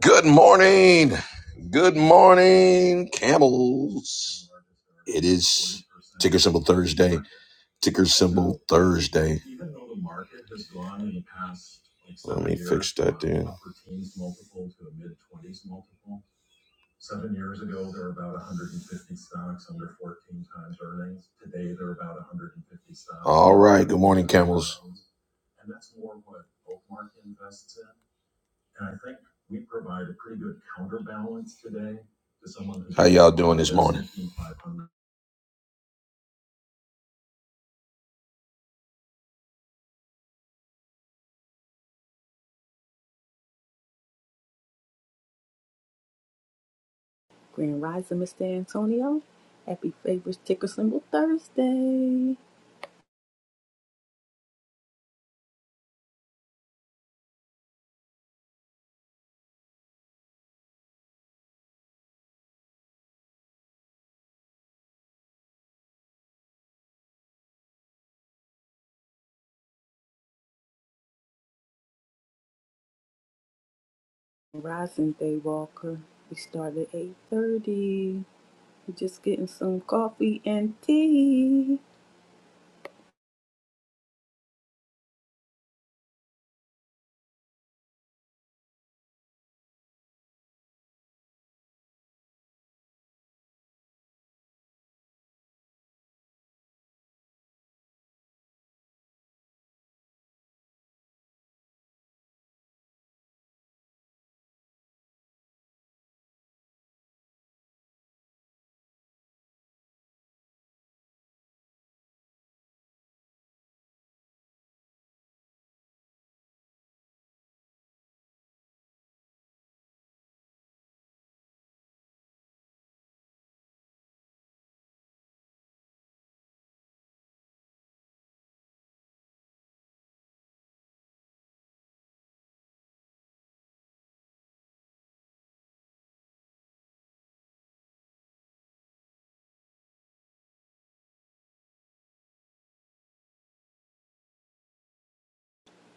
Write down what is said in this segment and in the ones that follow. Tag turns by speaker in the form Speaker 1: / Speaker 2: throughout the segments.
Speaker 1: Good morning. Good morning, camels. It is ticker symbol Thursday. Ticker symbol Thursday. Let me fix that dude. All right. Good morning, camels. How y'all doing this morning?
Speaker 2: Grand Rising, Mr. Antonio. Happy Favors Ticker Symbol Thursday. Rising Day Walker. We start at 8.30. We're just getting some coffee and tea.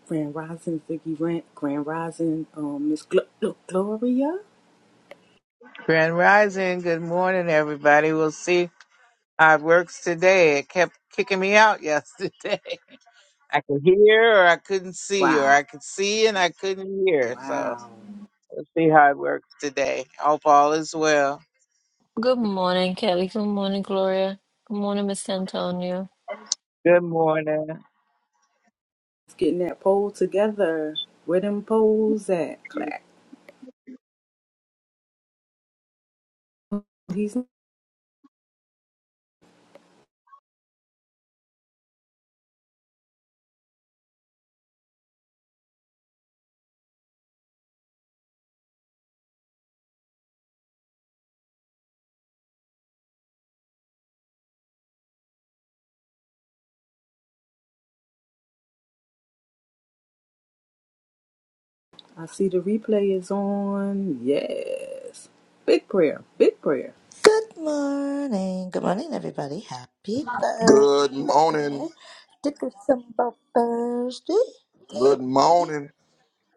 Speaker 2: Grand Rising, Ziggy Rant. Grand Rising, um, Miss Gl- Gl- Gloria.
Speaker 3: Grand Rising. Good morning, everybody. We'll see how it works today. It kept kicking me out yesterday. I could hear or I couldn't see, or
Speaker 2: Wow.
Speaker 3: I could see and I couldn't hear. So
Speaker 2: Wow.
Speaker 3: we'll see how it works today. Hope all is well.
Speaker 4: Good morning, Kelly. Good morning, Gloria. Good morning, Miss Antonio.
Speaker 3: Good morning.
Speaker 2: It's getting that poll together. Where them polls at? Clack. He's, I see the replay is on. Yes. Big prayer. Big prayer.
Speaker 5: Good morning. Good morning, everybody. Happy
Speaker 1: Good morning.
Speaker 5: Thursday. Ticker symbol Thursday. Hey,
Speaker 1: Good
Speaker 5: everybody.
Speaker 1: morning.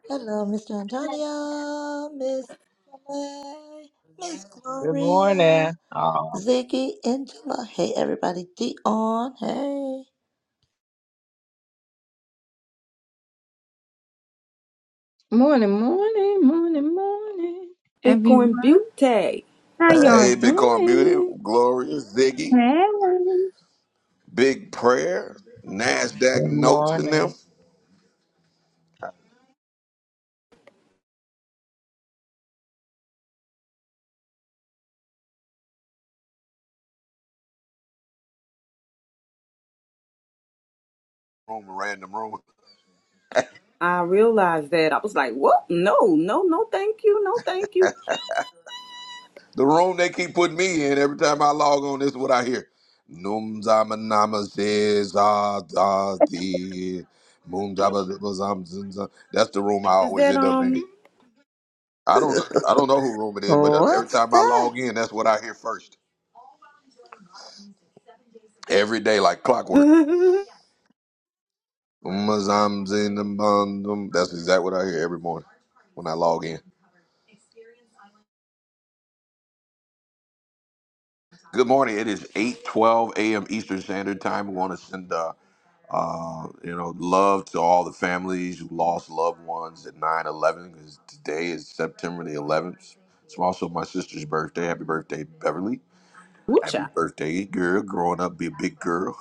Speaker 5: Hello, Mr. Antonio, Miss May, Miss
Speaker 3: Good
Speaker 5: Gloria,
Speaker 3: morning. Oh,
Speaker 5: Ziggy, Angela. Hey, everybody. Dion. Hey.
Speaker 6: Morning, morning, morning, morning,
Speaker 2: Bitcoin
Speaker 6: everyone.
Speaker 2: Butte.
Speaker 6: How y'all
Speaker 1: Hey, Bitcoin Beauty,
Speaker 6: doing?
Speaker 1: Glorious, Ziggy,
Speaker 6: Hey,
Speaker 1: Big Prayer, NASDAQ
Speaker 3: good
Speaker 1: Notes in them.
Speaker 3: morning.
Speaker 1: Room, random room.
Speaker 2: I realized that. I was like, what? No, no, no, thank you. No, thank you.
Speaker 1: The room they keep putting me in every time I log on, this is what I hear. Num zama nama says, ah, da, di. Moom zaba zaba zam zim zam. That's the room I
Speaker 2: Is
Speaker 1: always
Speaker 2: that,
Speaker 1: end up in.
Speaker 2: um,
Speaker 1: I don't, I don't know who room it is, but every
Speaker 5: What's
Speaker 1: time I
Speaker 5: that?
Speaker 1: log in, that's what I hear first. Every day, like clockwork.
Speaker 2: Woocha?
Speaker 1: Umazamzindambandum. That's exactly what I hear every morning when I log in. Good morning. It is 8.12 a.m. Eastern Standard Time. We want to send, uh, uh, you know, love to all the families who lost loved ones at nine eleven because today is September the 11th. It's also my sister's birthday. Happy birthday, Beverly. Happy birthday, girl. Growing up, be a big girl.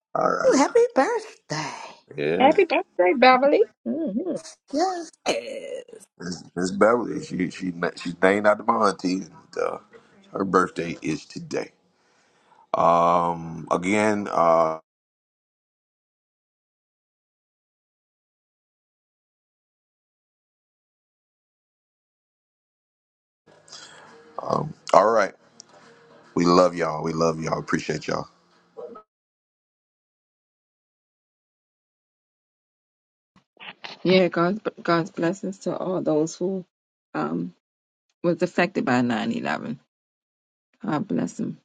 Speaker 1: All
Speaker 5: Ooh,
Speaker 1: right.
Speaker 5: happy birthday.
Speaker 1: Yeah.
Speaker 6: happy birthday, Beverly. hmm
Speaker 5: Yes.
Speaker 2: Yes.
Speaker 1: Miss Miss Beverly, she, she, she's named after my auntie. And, uh, her birthday is today. Um, again, uh, um, all right. We love y'all. We love y'all. Appreciate y'all.
Speaker 6: Yeah, God's God's blessings to all those who um was affected by 9-11. God bless them.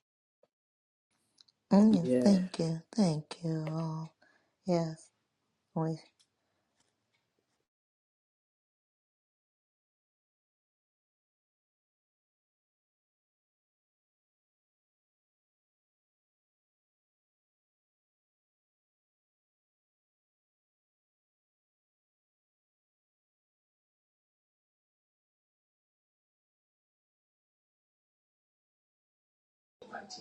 Speaker 5: Mm,
Speaker 2: yeah.
Speaker 5: thank you. Thank you. Yes. We-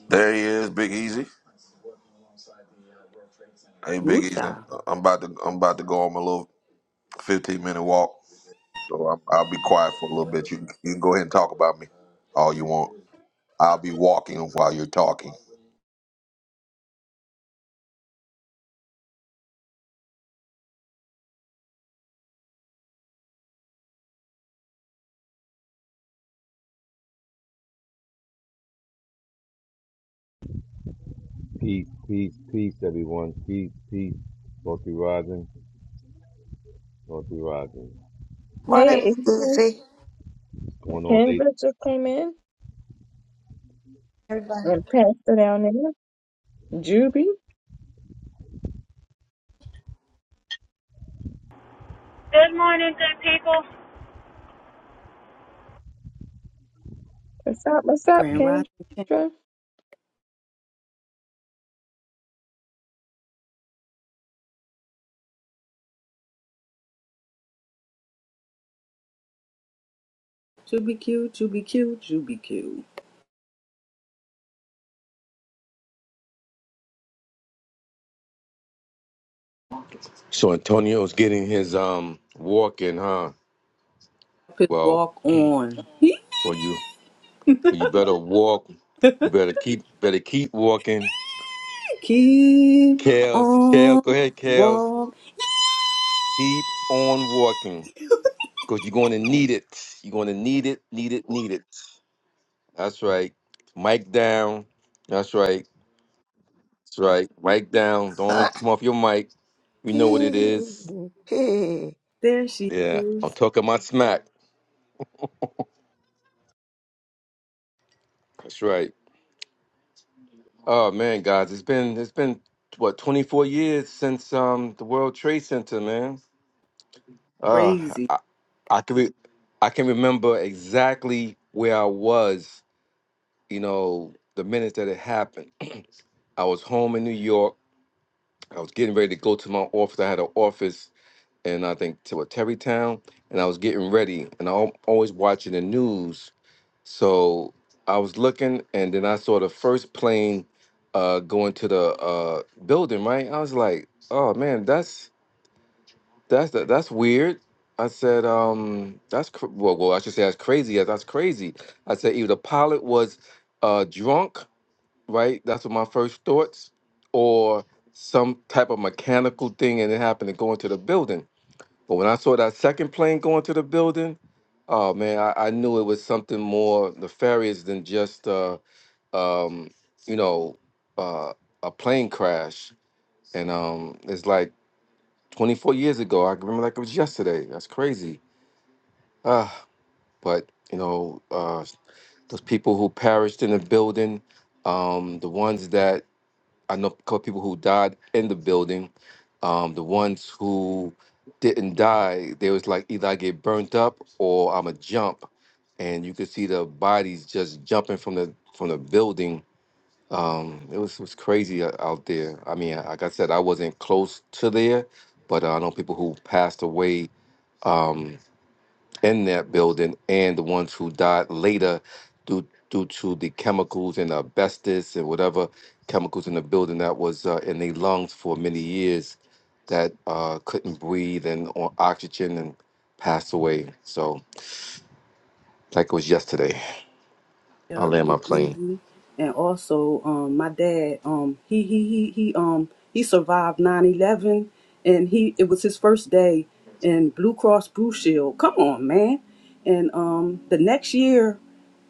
Speaker 1: There he is, Big Easy. Hey, Big Easy.
Speaker 2: Woocha.
Speaker 1: I'm about to I'm about to go on my little 15 minute walk, so I'm, I'll be quiet for a little bit. You you can go ahead and talk about me all you want. I'll be walking while you're talking.
Speaker 7: Peace, peace, peace, everyone. Peace, peace. Multi rising, multi rising.
Speaker 5: Morning,
Speaker 6: Hey, Adrian.
Speaker 5: Lucy.
Speaker 7: What's going on,
Speaker 6: Ken
Speaker 7: ladies?
Speaker 6: Bridger came in
Speaker 5: Everybody.
Speaker 6: and Pastor down there. Juby,
Speaker 8: Good morning, good people.
Speaker 6: what's up? What's up,
Speaker 2: Grand
Speaker 7: Peace.
Speaker 2: Rising.
Speaker 6: Kendra?
Speaker 2: QBQ, QBQ, QBQ.
Speaker 7: So Antonio's getting his um walk in, huh?
Speaker 2: Up his
Speaker 7: Well,
Speaker 2: walk on. He
Speaker 7: well you well, you better walk. You better keep better keep walking.
Speaker 2: keep
Speaker 7: Kels, Kels,
Speaker 2: on
Speaker 7: go ahead, Kels.
Speaker 2: walk.
Speaker 7: Keep on walking. Because you're gonna need it. You're gonna need it, need it, need it. That's right. Mic down. That's right. That's right. Mic down. Don't even come off your mic. We know what it
Speaker 5: Hey,
Speaker 7: is.
Speaker 5: hey.
Speaker 2: There she
Speaker 7: Yeah,
Speaker 2: is.
Speaker 7: I'm talking my smack. That's right. Oh man, guys, it's been it's been what 24 years since um the World Trade Center, man. Uh,
Speaker 2: crazy.
Speaker 7: I, I can re- I can remember exactly where I was. You know, the minute that it happened, I was home in New York. I was getting ready to go to my office. I had an office and I think to a Terrytown, and I was getting ready, and I'm always watching the news. So I was looking, and then I saw the first plane uh, going to the uh, building. Right, I was like, "Oh man, that's that's that's weird." I said, um, "That's cr- well, well, I should say that's crazy. Yeah, that's crazy." I said, "Either the pilot was uh, drunk, right? That's what my first thoughts, or some type of mechanical thing, and it happened to go into the building." But when I saw that second plane go into the building, oh man, I, I knew it was something more nefarious than just uh, um, you know uh, a plane crash. And um, it's like 24 years ago. I can remember like it was yesterday. That's crazy. Uh, but you know uh, those people who perished in the building, um, the ones that I know a couple people who died in the building. Um, the ones who didn't die, they was like either I get burnt up or I'm a jump, and you could see the bodies just jumping from the from the building. Um, it was was crazy o- out there. I mean, like I said, I wasn't close to there, but uh, I know people who passed away. Um, in that building and the ones who died later due due to the chemicals and asbestos and whatever chemicals in the building that was uh, in their lungs for many years that uh, couldn't breathe and on oxygen and passed away. So like it was yesterday. I
Speaker 2: Yeah,
Speaker 7: land
Speaker 2: good
Speaker 7: my plane.
Speaker 2: evening. And also, um, my dad, um, he he he he um he survived 9-11 and he it was his first day in Blue Cross Blue Shield. Come on, man. And um the next year,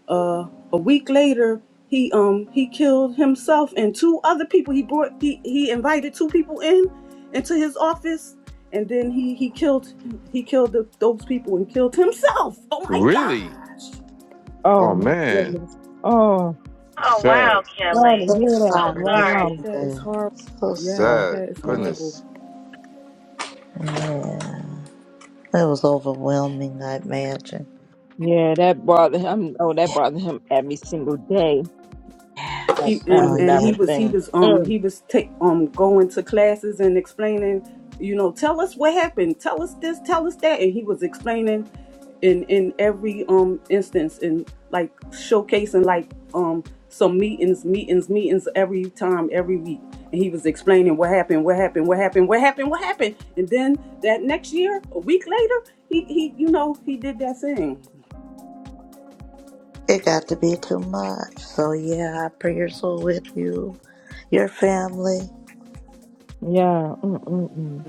Speaker 2: uh a week later, he um he killed himself and two other people. He brought he he invited two people in into his office and then he he killed he killed the, those people and killed himself. Oh my
Speaker 7: Really?
Speaker 2: gosh.
Speaker 6: Oh
Speaker 7: Oh
Speaker 6: my
Speaker 7: man,
Speaker 6: goodness! Oh,
Speaker 7: that's
Speaker 8: Oh, wow,
Speaker 7: sad.
Speaker 6: glad to
Speaker 8: Kelly.
Speaker 5: So
Speaker 6: hear
Speaker 8: I'm
Speaker 6: that.
Speaker 8: so
Speaker 5: sorry to
Speaker 8: sorry.
Speaker 5: hear
Speaker 6: Wow.
Speaker 2: That is
Speaker 5: that.
Speaker 2: horrible.
Speaker 5: So
Speaker 7: That's
Speaker 2: Yes,
Speaker 5: sorry.
Speaker 7: sad.
Speaker 2: that is
Speaker 5: Yeah.
Speaker 2: horrible.
Speaker 7: Goodness.
Speaker 5: It was overwhelming, I imagine.
Speaker 6: Yeah, that bothered him. Oh, that bothered him every single day. That
Speaker 2: He
Speaker 5: Yes.
Speaker 2: and
Speaker 5: Oh,
Speaker 6: 9
Speaker 2: and
Speaker 5: yeah.
Speaker 2: he
Speaker 6: eleven
Speaker 2: was he
Speaker 6: thing.
Speaker 2: was um
Speaker 6: Mm.
Speaker 2: he was take um going to classes and explaining, you know, tell us what happened, tell us this, tell us that, and he was explaining in in every um instance and like showcasing like um some meetings, meetings, meetings every time, every week. And he was explaining what happened, what happened, what happened, what happened, what happened. And then that next year, a week later, he he you know, he did that thing.
Speaker 5: It got to be too much. So, yeah, our prayers are with you, your family.
Speaker 6: Yeah. Mm, mm, mm.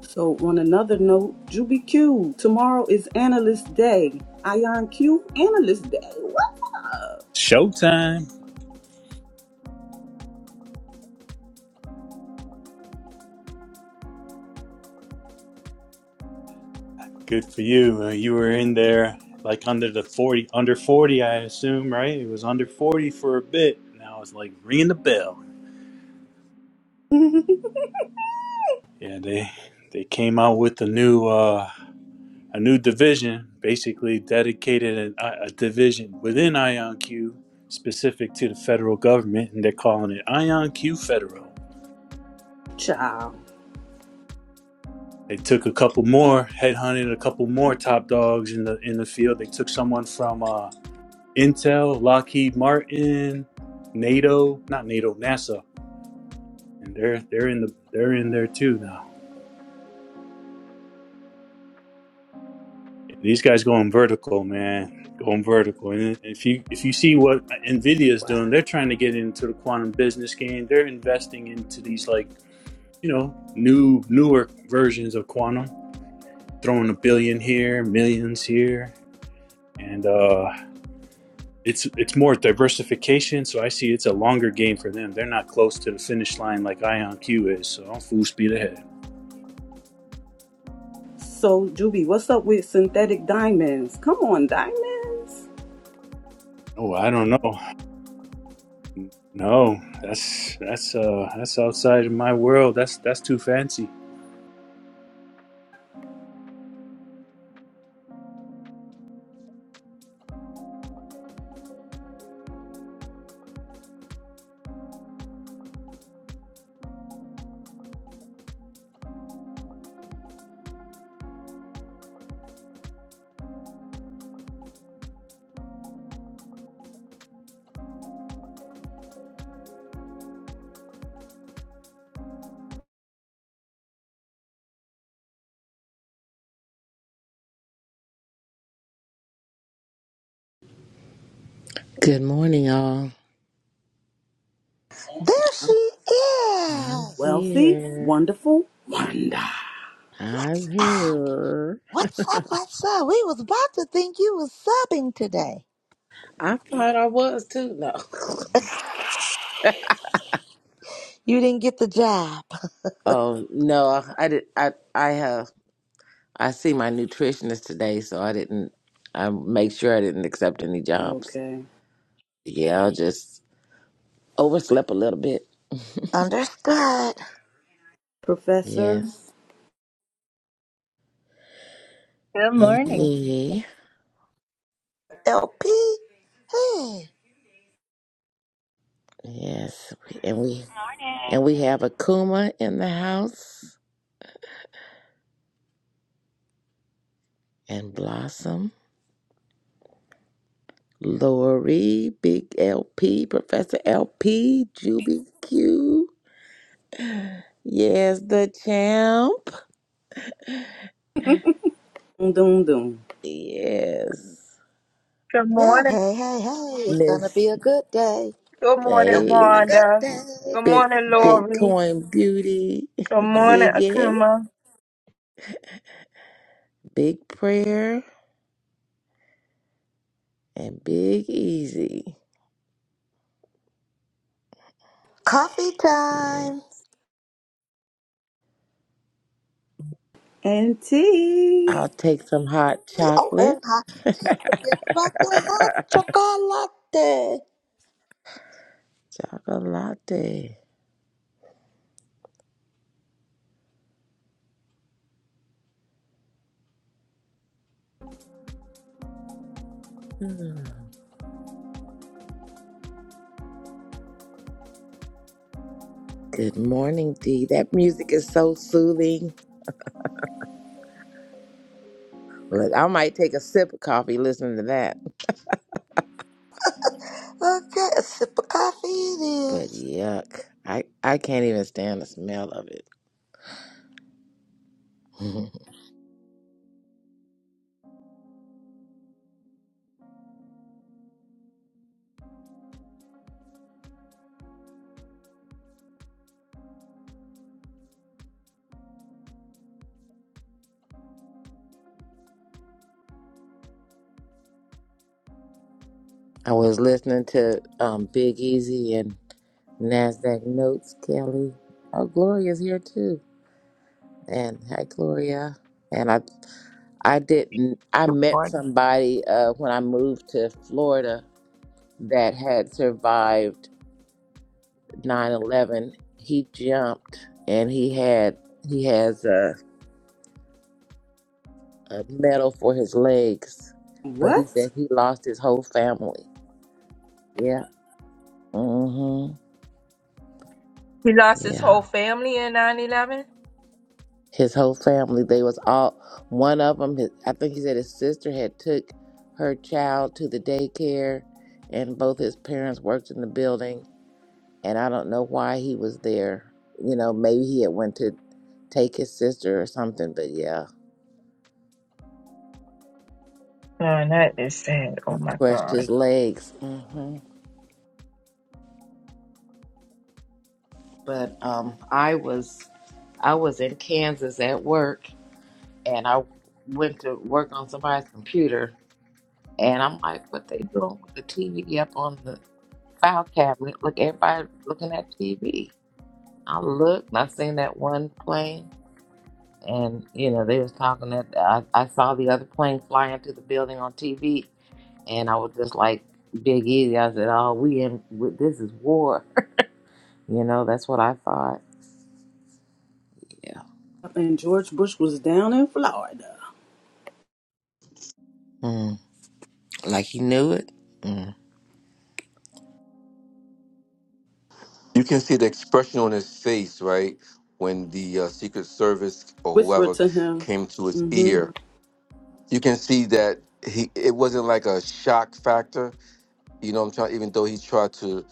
Speaker 2: So, on another note, Juby Q, tomorrow is Analyst Day. Ion Q, Analyst Day.
Speaker 9: Showtime. Good for you. Uh, you were in there like under the 40, under 40, I assume, right? It was under 40 for a bit. Now it's like ringing the bell.
Speaker 2: What?
Speaker 9: Yeah, they they came out with a new uh a new division, basically dedicated an, a, a division within IonQ specific to the federal government, and they're calling it IonQ Federal.
Speaker 2: Ciao.
Speaker 9: They took a couple more, headhunted a couple more top dogs in the in the field. They took someone from uh Intel, Lockheed Martin, NATO, not NATO, NASA, and they're they're in the they're in there too now. These guys going vertical, man, going vertical. And if you if you see what Nvidia is doing, they're trying to get into the quantum business game. They're investing into these like you know new newer versions of quantum, throwing a billion here, millions here, and uh it's it's more diversification. So I see it's a longer game for them. They're not close to the finish line like IonQ is. So I'm full speed ahead.
Speaker 2: So, Juby, what's up with synthetic diamonds? Come on, diamonds.
Speaker 9: Oh, I don't know. No, that's that's uh that's outside of my world. That's that's too fancy.
Speaker 10: Good morning, y'all.
Speaker 5: There
Speaker 2: Huh?
Speaker 5: she
Speaker 10: I'm
Speaker 5: is.
Speaker 2: Wealthy,
Speaker 10: here.
Speaker 2: wonderful, wonder.
Speaker 10: I's
Speaker 5: What's up?
Speaker 10: here.
Speaker 5: What's up? What's up? We was about to think you was subbing today.
Speaker 10: I thought I was too. No.
Speaker 5: You didn't get the job.
Speaker 10: Oh no, I did. I I have. I see my nutritionist today, so I didn't. I make sure I didn't accept any jobs.
Speaker 2: Okay.
Speaker 10: Yeah, I'll just overslept a little bit.
Speaker 5: Understood.
Speaker 2: Professor,
Speaker 10: Yes.
Speaker 11: Good morning.
Speaker 10: Hey.
Speaker 5: LP. Hey.
Speaker 10: Yes. And we and we
Speaker 8: Morning.
Speaker 10: have Akuma in the house and Blossom. Lori, Big LP, Professor LP, Juby Q. Yes, the champ.
Speaker 2: doom, doom, doom.
Speaker 10: Yes.
Speaker 6: Good
Speaker 5: Yeah,
Speaker 6: morning.
Speaker 5: hey, hey, hey, it's gonna be
Speaker 10: Miss
Speaker 5: a good day.
Speaker 6: Good
Speaker 5: It's
Speaker 6: morning,
Speaker 5: gonna be a
Speaker 10: A.
Speaker 5: good
Speaker 6: Wanda.
Speaker 5: day.
Speaker 6: Good
Speaker 5: Good
Speaker 10: Bit
Speaker 6: morning,
Speaker 5: morning.
Speaker 6: Lori.
Speaker 10: Bitcoin Beauty,
Speaker 6: Good morning,
Speaker 10: Ziggy,
Speaker 6: Akuma.
Speaker 10: Big Prayer, and Big Easy.
Speaker 5: Coffee
Speaker 10: Yeah.
Speaker 5: time.
Speaker 2: Auntie.
Speaker 10: I'll take some hot
Speaker 5: Oh,
Speaker 10: chocolate.
Speaker 5: and hot. Don't forget about the hot chocolate.
Speaker 10: Chocolate. Hmm. Good morning, Dee. That music is so soothing. Look, I might take a sip of coffee listening to that.
Speaker 5: Okay, a sip of coffee it
Speaker 10: But
Speaker 5: is.
Speaker 10: yuck. I, I can't even stand the smell of it. I was listening to um Big Easy and Nasdaq Notes, Kelly. Oh, Gloria's here too. And hi Gloria. And I I didn't I
Speaker 3: Good
Speaker 10: met
Speaker 3: morning.
Speaker 10: somebody uh when I moved to Florida that had survived nine eleven. He jumped and he had he has a, a medal for his legs, but he said
Speaker 2: What?
Speaker 10: he lost his whole family. Yeah. Mm-hmm.
Speaker 6: He lost his
Speaker 10: Yeah.
Speaker 6: whole family in 911. 11.
Speaker 10: His whole family, they was all one of them. His, I think he said his sister had took her child to the daycare, and both his parents worked in the building. And I don't know why he was there. You know, maybe he had went to take his sister or something. But yeah,
Speaker 6: Man, that is sad.
Speaker 10: he
Speaker 6: Oh, my
Speaker 10: crushed
Speaker 6: God.
Speaker 10: his legs. hmm But um, I was I was in Kansas at work, and I went to work on somebody's computer, And I'm like, what they doing with the TV up on the file cabinet? Look, everybody looking at TV. I looked and I seen that one plane, and you know they was talking that I, I saw the other plane fly into the building on TV, and I was just like, Big Easy. I said, oh, we in with this is war. you know, that's what I thought. Yeah,
Speaker 2: And George Bush was down in Florida.
Speaker 10: mm, like he knew it. Mm.
Speaker 7: You can see the expression on his face, right? When the uh, Secret Service or
Speaker 2: Whisper
Speaker 7: whoever
Speaker 2: to him,
Speaker 7: came to his
Speaker 2: mm hmm,
Speaker 7: ear you can see that he it wasn't like a shock factor. You know what I'm trying even though he tried to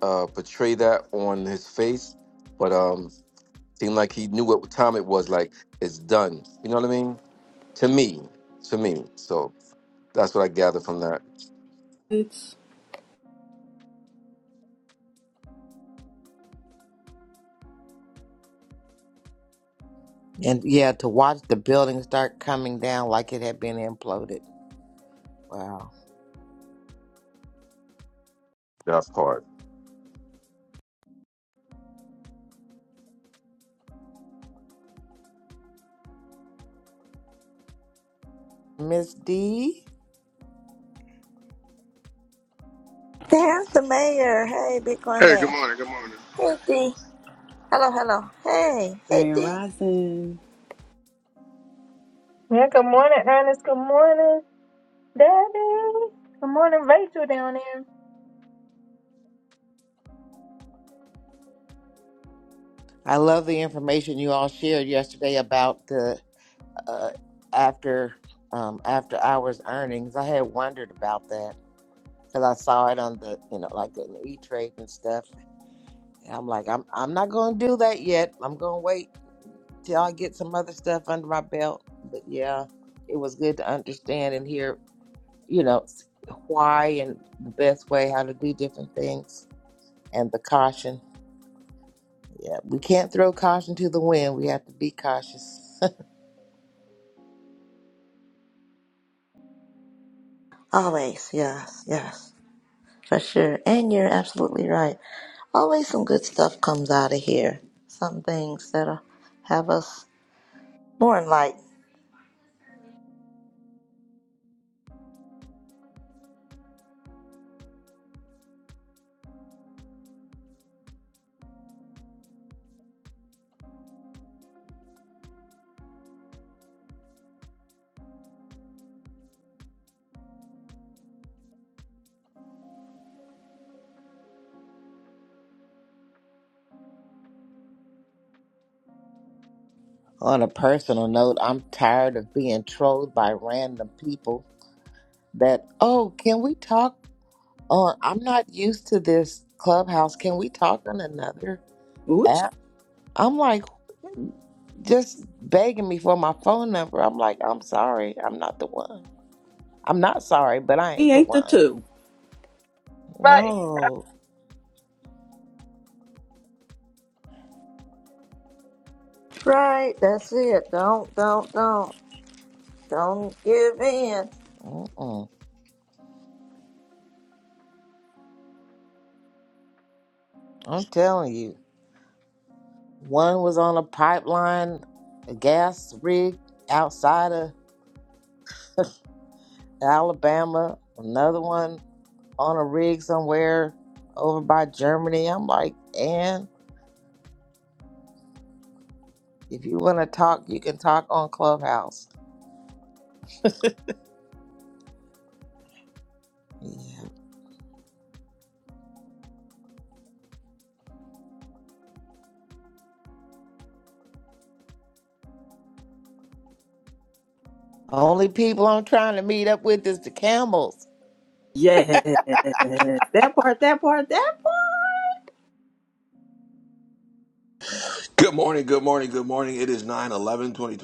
Speaker 7: uh portray that on his face, but um seemed like he knew what time it was, like it's done. You know what I mean? To me. To me. So that's what I gathered from that
Speaker 2: it's
Speaker 10: And yeah, to watch the building start coming down like it had been imploded. Wow,
Speaker 7: that part.
Speaker 10: Miss D.
Speaker 5: There's the mayor. Hey, Bitcoin
Speaker 12: Hey, good
Speaker 5: mayor.
Speaker 12: morning. Good morning.
Speaker 5: Hey, D. Hello, hello. Hey, hey,
Speaker 2: Grand
Speaker 5: D.
Speaker 2: Rising.
Speaker 6: Yeah, good morning, Ernest. Good morning, Daddy. Good morning, Rachel down there.
Speaker 10: I love the information you all shared yesterday about the uh, after um, after hours earnings. I had wondered about that because I saw it on the you know like an E Trade and stuff. And I'm like, I'm I'm not going to do that yet. I'm going to wait till I get some other stuff under my belt. But yeah, it was good to understand and hear you know s- why and the best way how to do different things and the caution. Yeah, we can't throw caution to the wind. We have to be cautious.
Speaker 5: Always, yes, yes, for sure. And you're absolutely right. Always some good stuff comes out of here. Some things that'll have us More enlightened.
Speaker 10: On a personal note, I'm tired of being trolled by random people that, oh, can we talk on? I'm not used to this clubhouse. Can we talk on another
Speaker 2: Ooh,
Speaker 10: app? I'm like, just begging me for my phone number. I'm like, I'm sorry. I'm not the one. I'm not sorry, but I
Speaker 2: He
Speaker 10: ain't the
Speaker 2: ain't the
Speaker 10: one.
Speaker 2: two.
Speaker 6: Right.
Speaker 10: No.
Speaker 5: Right, that's it. Don't, don't, don't, don't give in.
Speaker 10: Mm-mm. I'm telling you. One was on a pipeline, a gas rig outside of Alabama, another one on a rig somewhere over by Germany. I'm like, and if you want to talk, you can talk on Clubhouse. Yeah. Only people I'm trying to meet up with is the camels.
Speaker 2: Yes. That part, that part, that part.
Speaker 1: Good morning, good morning, good morning. It is nine eleven, twenty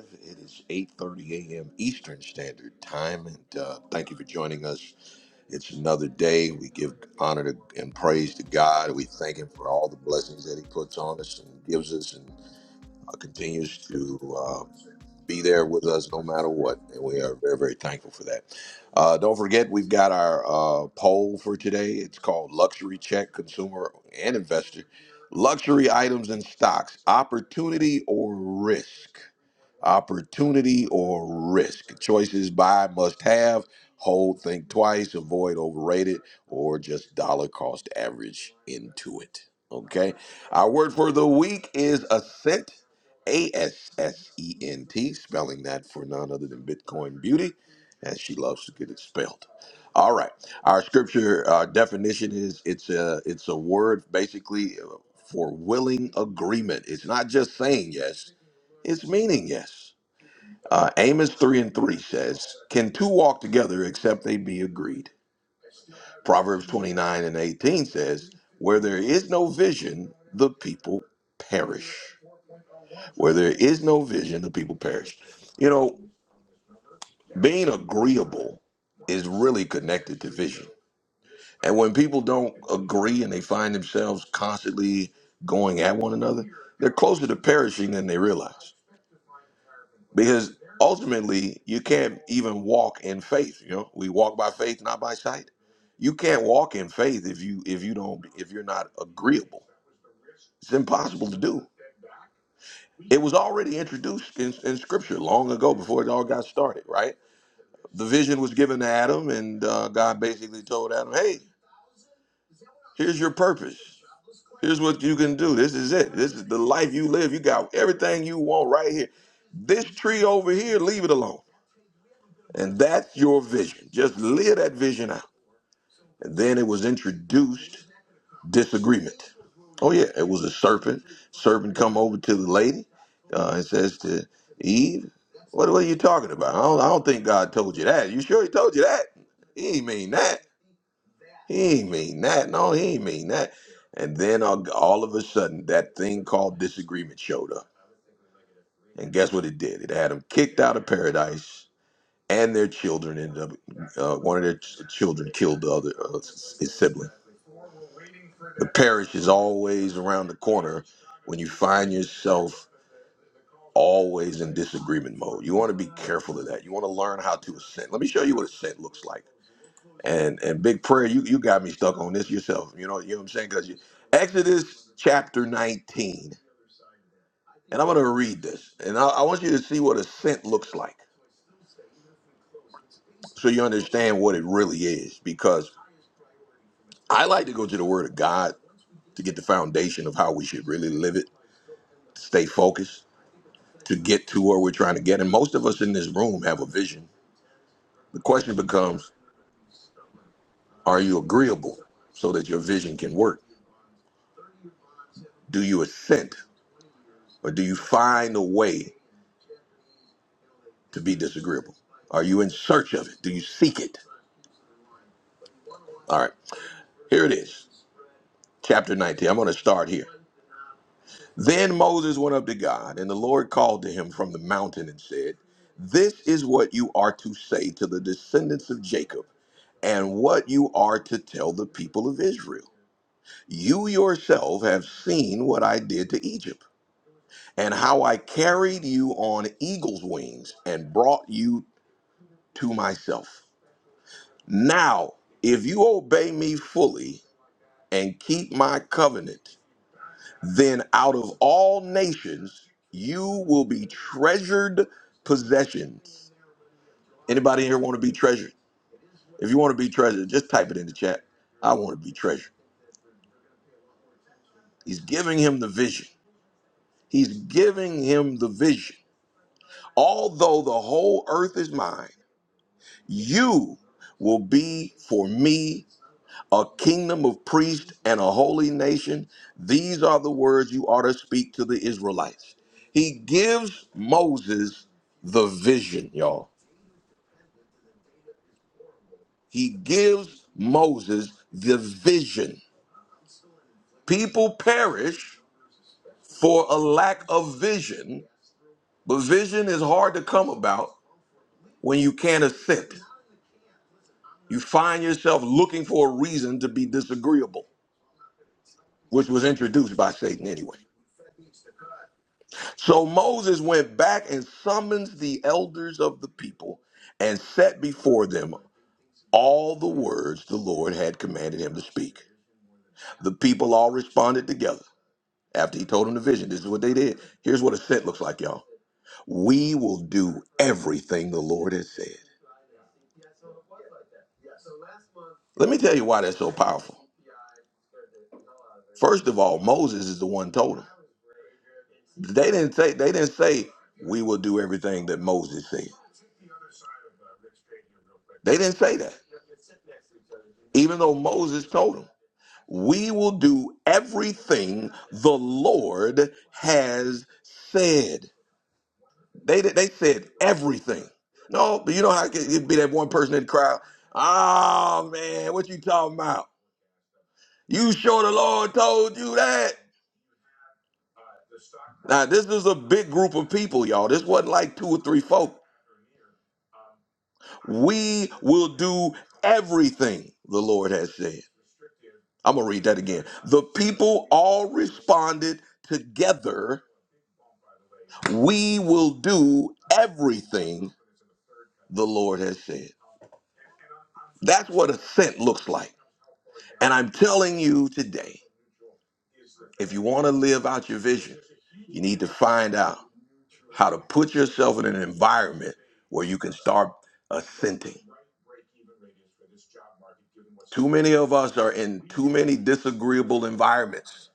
Speaker 1: twenty-five. It is is 8 30 a.m. Eastern Standard Time. And uh, thank you for joining us. It's another day. We give honor to, and praise to God. We thank Him for all the blessings that He puts on us and gives us. And uh, continues to uh, be there with us no matter what. And we are very, very thankful for that. Uh, don't forget, we've got our uh, poll for today. It's called Luxury Check Consumer and Investor Luxury Items and Stocks Opportunity or Risk opportunity or risk. Choices buy, must have, hold, think twice, avoid overrated, or just dollar cost average into it. Okay. Our word for the week is ascent, A S S E N T, spelling that for none other than Bitcoin Beauty, as she loves to get it spelled. All right. Our scripture uh, definition is it's a it's a word basically uh, for willing agreement. It's not just saying yes; it's meaning yes. Uh, Amos 3 and 3 says, Can two walk together except they be agreed? Proverbs 29 and 18 says, Where there is no vision, the people perish. Where there is no vision, the people perish. You know, being agreeable is really connected to vision. And when people don't agree and they find themselves constantly going at one another, they're closer to perishing than they realize. because ultimately you can't even walk in faith you know we walk by faith not by sight you can't walk in faith if you if you don't if you're not agreeable it's impossible to do it was already introduced in, in scripture long ago before it all got started right the vision was given to adam and uh, god basically told adam hey here's your purpose here's what you can do this is it this is the life you live you got everything you want right here this tree over here leave it alone And that's your vision. Just live that vision out. And then it was introduced disagreement. Oh yeah, it was a serpent. Serpent come over to the lady uh, and says to Eve, what, what are you talking about? I don't, I don't think God told you that. You sure he told you that? He ain't mean that. He ain't mean that. No, he ain't mean that. And then all, all of a sudden, that thing called disagreement showed up. And guess what it did? It had him kicked out of paradise and their children ended up uh, one of their ch- children killed the other uh, s- his sibling the parish is always around the corner when you find yourself always in disagreement mode you want to be careful of that you want to learn how to ascend let me show you what ascent looks like and and big prayer you you got me stuck on this yourself you know you know what i'm saying because exodus chapter 19 and i'm going to read this and I, I want you to see what ascent looks like so you understand what it really is because i like to go to the word of god to get the foundation of how we should really live it, stay focused, to get to where we're trying to get. And most of us in this room have a vision. The question becomes are you agreeable so that your vision can work? Do you assent or do you find a way to be disagreeable? Are you in search of it? Do you seek it? All right, here it is, chapter 19. I'm going to start here. Then Moses went up to God, and the Lord called to him from the mountain and said, This is what you are to say to the descendants of Jacob and what you are to tell the people of Israel. You yourself have seen what I did to Egypt, and how I carried you on eagle's wings and brought you to myself. Now, if you obey me fully and keep my covenant, then out of all nations you will be treasured possessions. Anybody here want to be treasured? If you want to be treasured, just type it in the chat. I want to be treasured. He's giving him the vision. He's giving him the vision. Although the whole earth is mine, you will be for me a kingdom of priests and a holy nation. These are the words you ought to speak to the Israelites. He gives Moses the vision, y'all. He gives Moses the vision. People perish for a lack of vision, but vision is hard to come about when you can't accept it. You find yourself looking for a reason to be disagreeable, which was introduced by Satan anyway. So Moses went back and summons the elders of the people and set before them all the words the Lord had commanded him to speak. The people all responded together after he told them the vision. This is what they did. Here's what a scent looks like, y'all. We will do everything the Lord has said. Let me tell you why that's so powerful. First of all, Moses is the one who told him. They didn't say they didn't say we will do everything that Moses said. They didn't say that. Even though Moses told them, "We will do everything the Lord has said." They they said everything. No, but you know how it could- would be that one person in the crowd. Oh man, what you talking about? You sure the Lord told you that? Now this is a big group of people, y'all. This wasn't like two or three folk. We will do everything the Lord has said. I'm going to read that again. The people all responded together, We will do everything the Lord has said. That's what assent looks like. And I'm telling you today, if you want to live out your vision, you need to find out how to put yourself in an environment where you can start assenting. Too many of us are in too many disagreeable environments,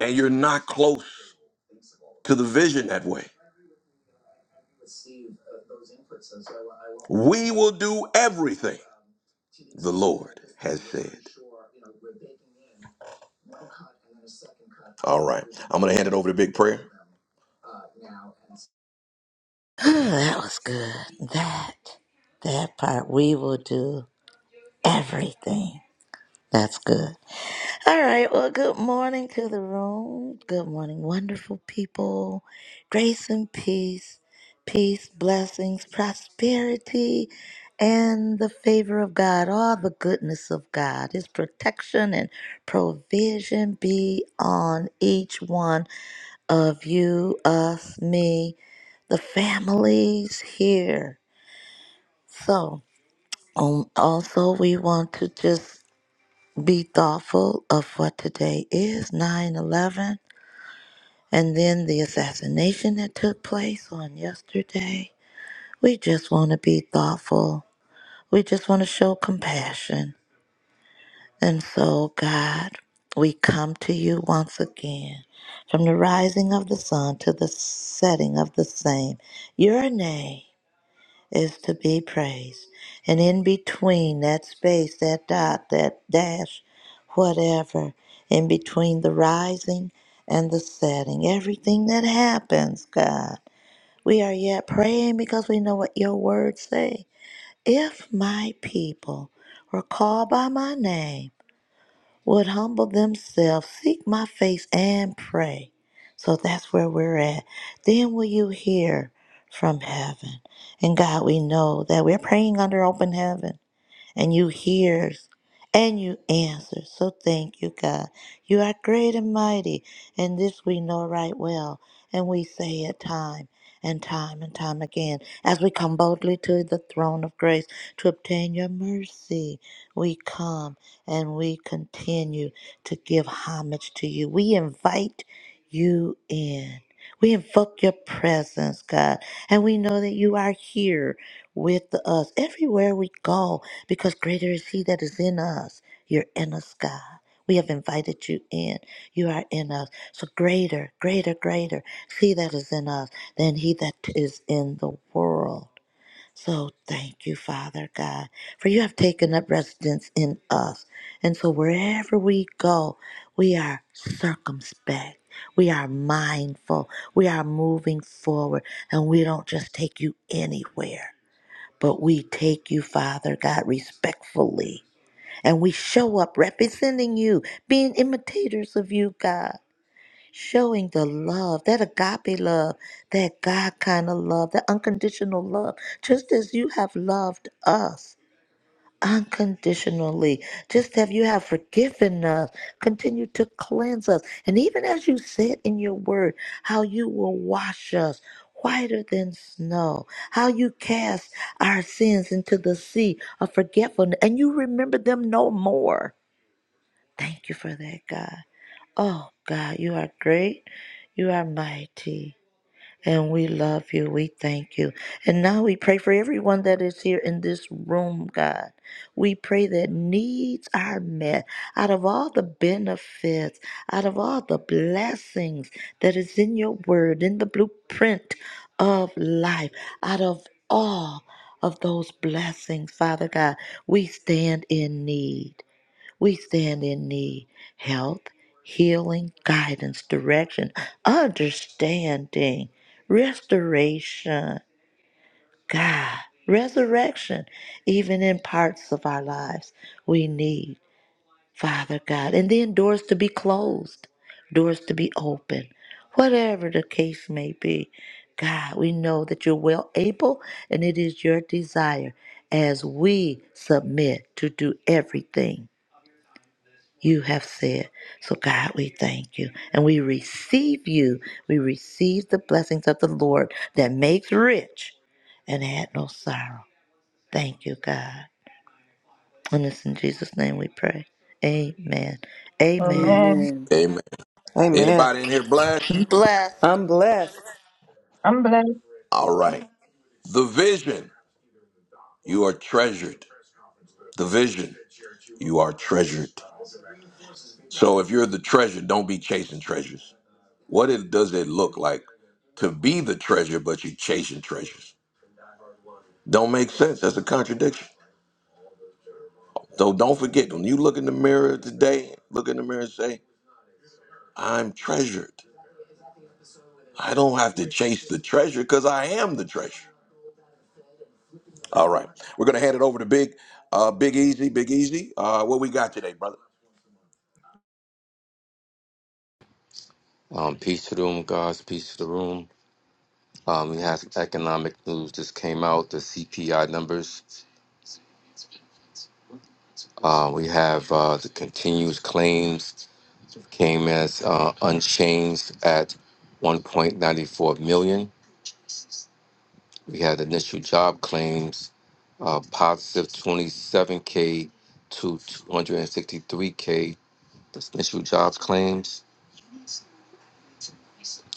Speaker 1: and you're not close to the vision that way. We will do everything. the Lord has said. All right. I'm going to hand it over to Big Prayer.
Speaker 5: that was good. That, that part we will do everything. That's good. All right. Well, good morning to the room. Good morning, wonderful people. Grace and peace, peace, blessings, prosperity, and the favor of God, all the goodness of God, His protection and provision be on each one of you, us, me, the families here. So, um, also, we want to just be thoughtful of what today is 9 11 and then the assassination that took place on yesterday. We just want to be thoughtful. We just want to show compassion. And so, God, we come to you once again. From the rising of the sun to the setting of the same, your name is to be praised. And in between that space, that dot, that dash, whatever, in between the rising and the setting, everything that happens, God, we are yet praying because we know what your words say. If my people were called by my name, would humble themselves, seek my face, and pray. So that's where we're at. Then will you hear from heaven? And God, we know that we're praying under open heaven and you hears and you answer. So thank you, God. You are great and mighty, and this we know right well, and we say it time and time and time again as we come boldly to the throne of grace to obtain your mercy. We come and we continue to give homage to you. We invite you in. We invoke your presence, God, and we know that you are here with us everywhere we go because greater is He that is in us. You're in us, God. We have invited you in. You are in us. So greater, greater, greater is He that is in us than He that is in the world. So thank you, Father God, for you have taken up residence in us. And so wherever we go, we are circumspect. We are mindful. We are moving forward. And we don't just take you anywhere. But we take you, Father God, respectfully, and we show up representing you, being imitators of you, God, showing the love, that agape love, that God kind of love, that unconditional love, just as you have loved us unconditionally. Just have you have forgiven us. Continue to cleanse us. And even as you said in your word, how you will wash us whiter than snow, how you cast our sins into the sea of forgetfulness, and you remember them no more. Thank you for that, God. Oh, God, you are great. You are mighty. And we love you. We thank you. And now we pray for everyone that is here in this room, God. We pray that needs are met out of all the benefits, out of all the blessings that is in your word, in the blueprint of life, out of all of those blessings, Father God, we stand in need. We stand in need health, healing, guidance, direction, understanding, restoration, God, resurrection, even in parts of our lives. We need, Father God, and then doors to be closed, doors to be open, whatever the case may be. God, we know that you're well able and it is your desire as we submit to do everything you have said. So, God, we thank you and we receive you. We receive the blessings of the Lord that makes rich and add no sorrow. Thank you, God. And it's in Jesus' name we pray. Amen.
Speaker 6: Oh
Speaker 5: Amen.
Speaker 6: man,
Speaker 2: Amen.
Speaker 1: Amen.
Speaker 13: Amen.
Speaker 1: Anybody in here blessed?
Speaker 5: Bless.
Speaker 13: I'm blessed.
Speaker 6: I'm blessed.
Speaker 1: All right. The vision, you are treasured. The vision, you are treasured. So if you're the treasure, don't be chasing treasures. What it, does it look like to be the treasure, but you're chasing treasures? Don't make sense. That's a contradiction. So don't forget, when you look in the mirror today, look in the mirror and say, I'm treasured. I don't have to chase the treasure because I am the treasure. All right. We're gonna hand it over to Big uh Big Easy, Big Easy. Uh what we got today, brother?
Speaker 7: Um peace to the room, guys, peace to the room. Um we have economic news just came out, the CPI numbers. Uh, we have uh, the continuous claims came as uh, unchanged at 1.94 million. We had initial job claims uh, positive 27k to 263k. That's initial jobs claims.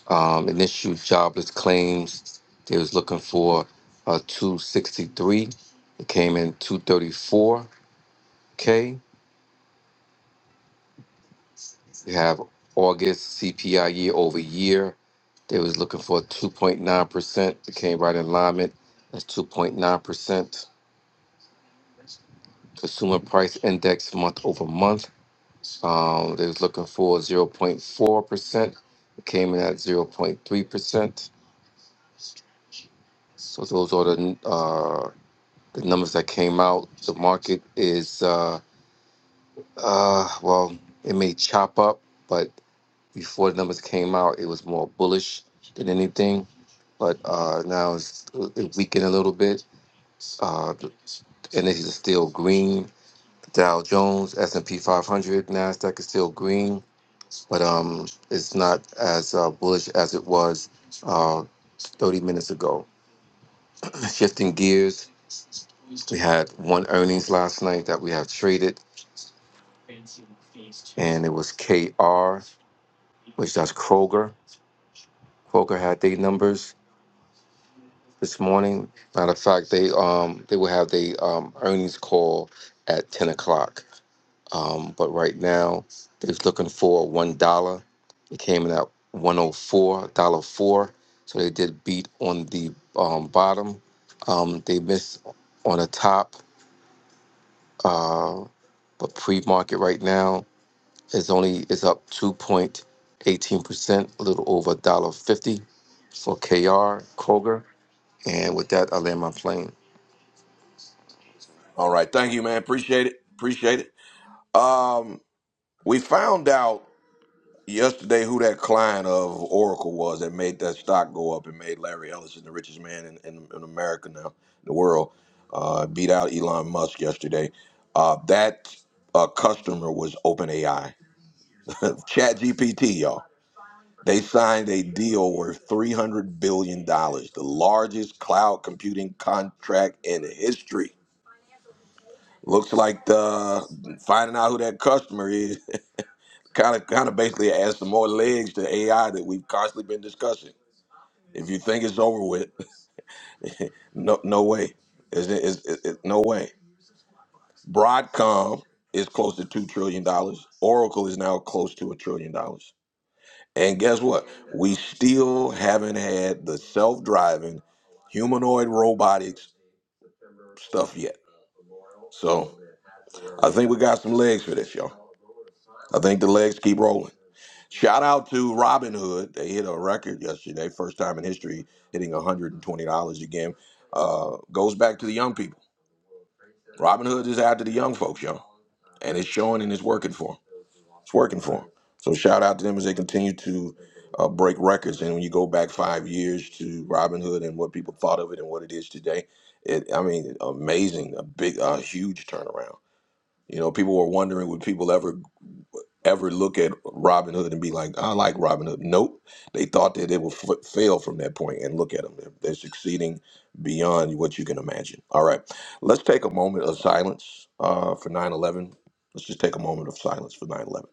Speaker 7: Um, initial jobless claims. They was looking for uh, 263. It came in 234k. We have August CPI year over year. They was looking for 2.9%. It came right in alignment. That's 2.9%. Consumer price index month over month. Um, they was looking for 0.4%. It came in at 0.3%. So those are the uh, the numbers that came out. The market is uh, uh, well, it may chop up, but before the numbers came out, it was more bullish than anything. but uh, now it's it weakened a little bit. Uh, and it's still green. Dow Jones, S and P 500, Nasdaq is still green, but um, it's not as uh, bullish as it was uh, 30 minutes ago. Shifting gears, we had one earnings last night that we have traded, and it was KR, which that's Kroger. Kroger had their numbers. this morning. Matter of fact, they um they will have the um earnings call at ten o'clock. Um, but right now they're looking for one dollar. It came in at one oh four dollar four. So they did beat on the um, bottom. Um, they missed on the top. Uh, but pre market right now is only is up two point eighteen percent, a little over a dollar fifty for KR Kroger. And with that, I land my plane.
Speaker 1: All right, thank you, man. Appreciate it. Appreciate it. Um we found out yesterday who that client of Oracle was that made that stock go up and made Larry Ellison the richest man in, in, in America now, the world. Uh beat out Elon Musk yesterday. Uh that uh customer was OpenAI. Chat GPT, y'all. They signed a deal worth $300 billion, dollars, the largest cloud computing contract in history. Looks like the finding out who that customer is kind of kind of basically adds some more legs to AI that we've constantly been discussing. If you think it's over with, no no way. Is it is it it- no way. Broadcom is close to two trillion dollars. Oracle is now close to a trillion dollars. And guess what? We still haven't had the self-driving humanoid robotics stuff yet. So I think we got some legs for this, y'all. I think the legs keep rolling. Shout out to Robin Hood. They hit a record yesterday, first time in history, hitting $120 a game. Uh, goes back to the young people. Robin Hood is out to the young folks, y'all. And it's showing and it's working for them. It's working for them. So shout out to them as they continue to uh, break records. And when you go back five years to Robinhood and what people thought of it and what it is today, it I mean, amazing, a big, a huge turnaround. You know, people were wondering would people ever ever look at Robinhood and be like, I like Robinhood. Nope, they thought that it would f- fail from that point, and look at them, they're, they're succeeding beyond what you can imagine. All right, let's take a moment of silence uh, for 9/11. Let's just take a moment of silence for 9/11.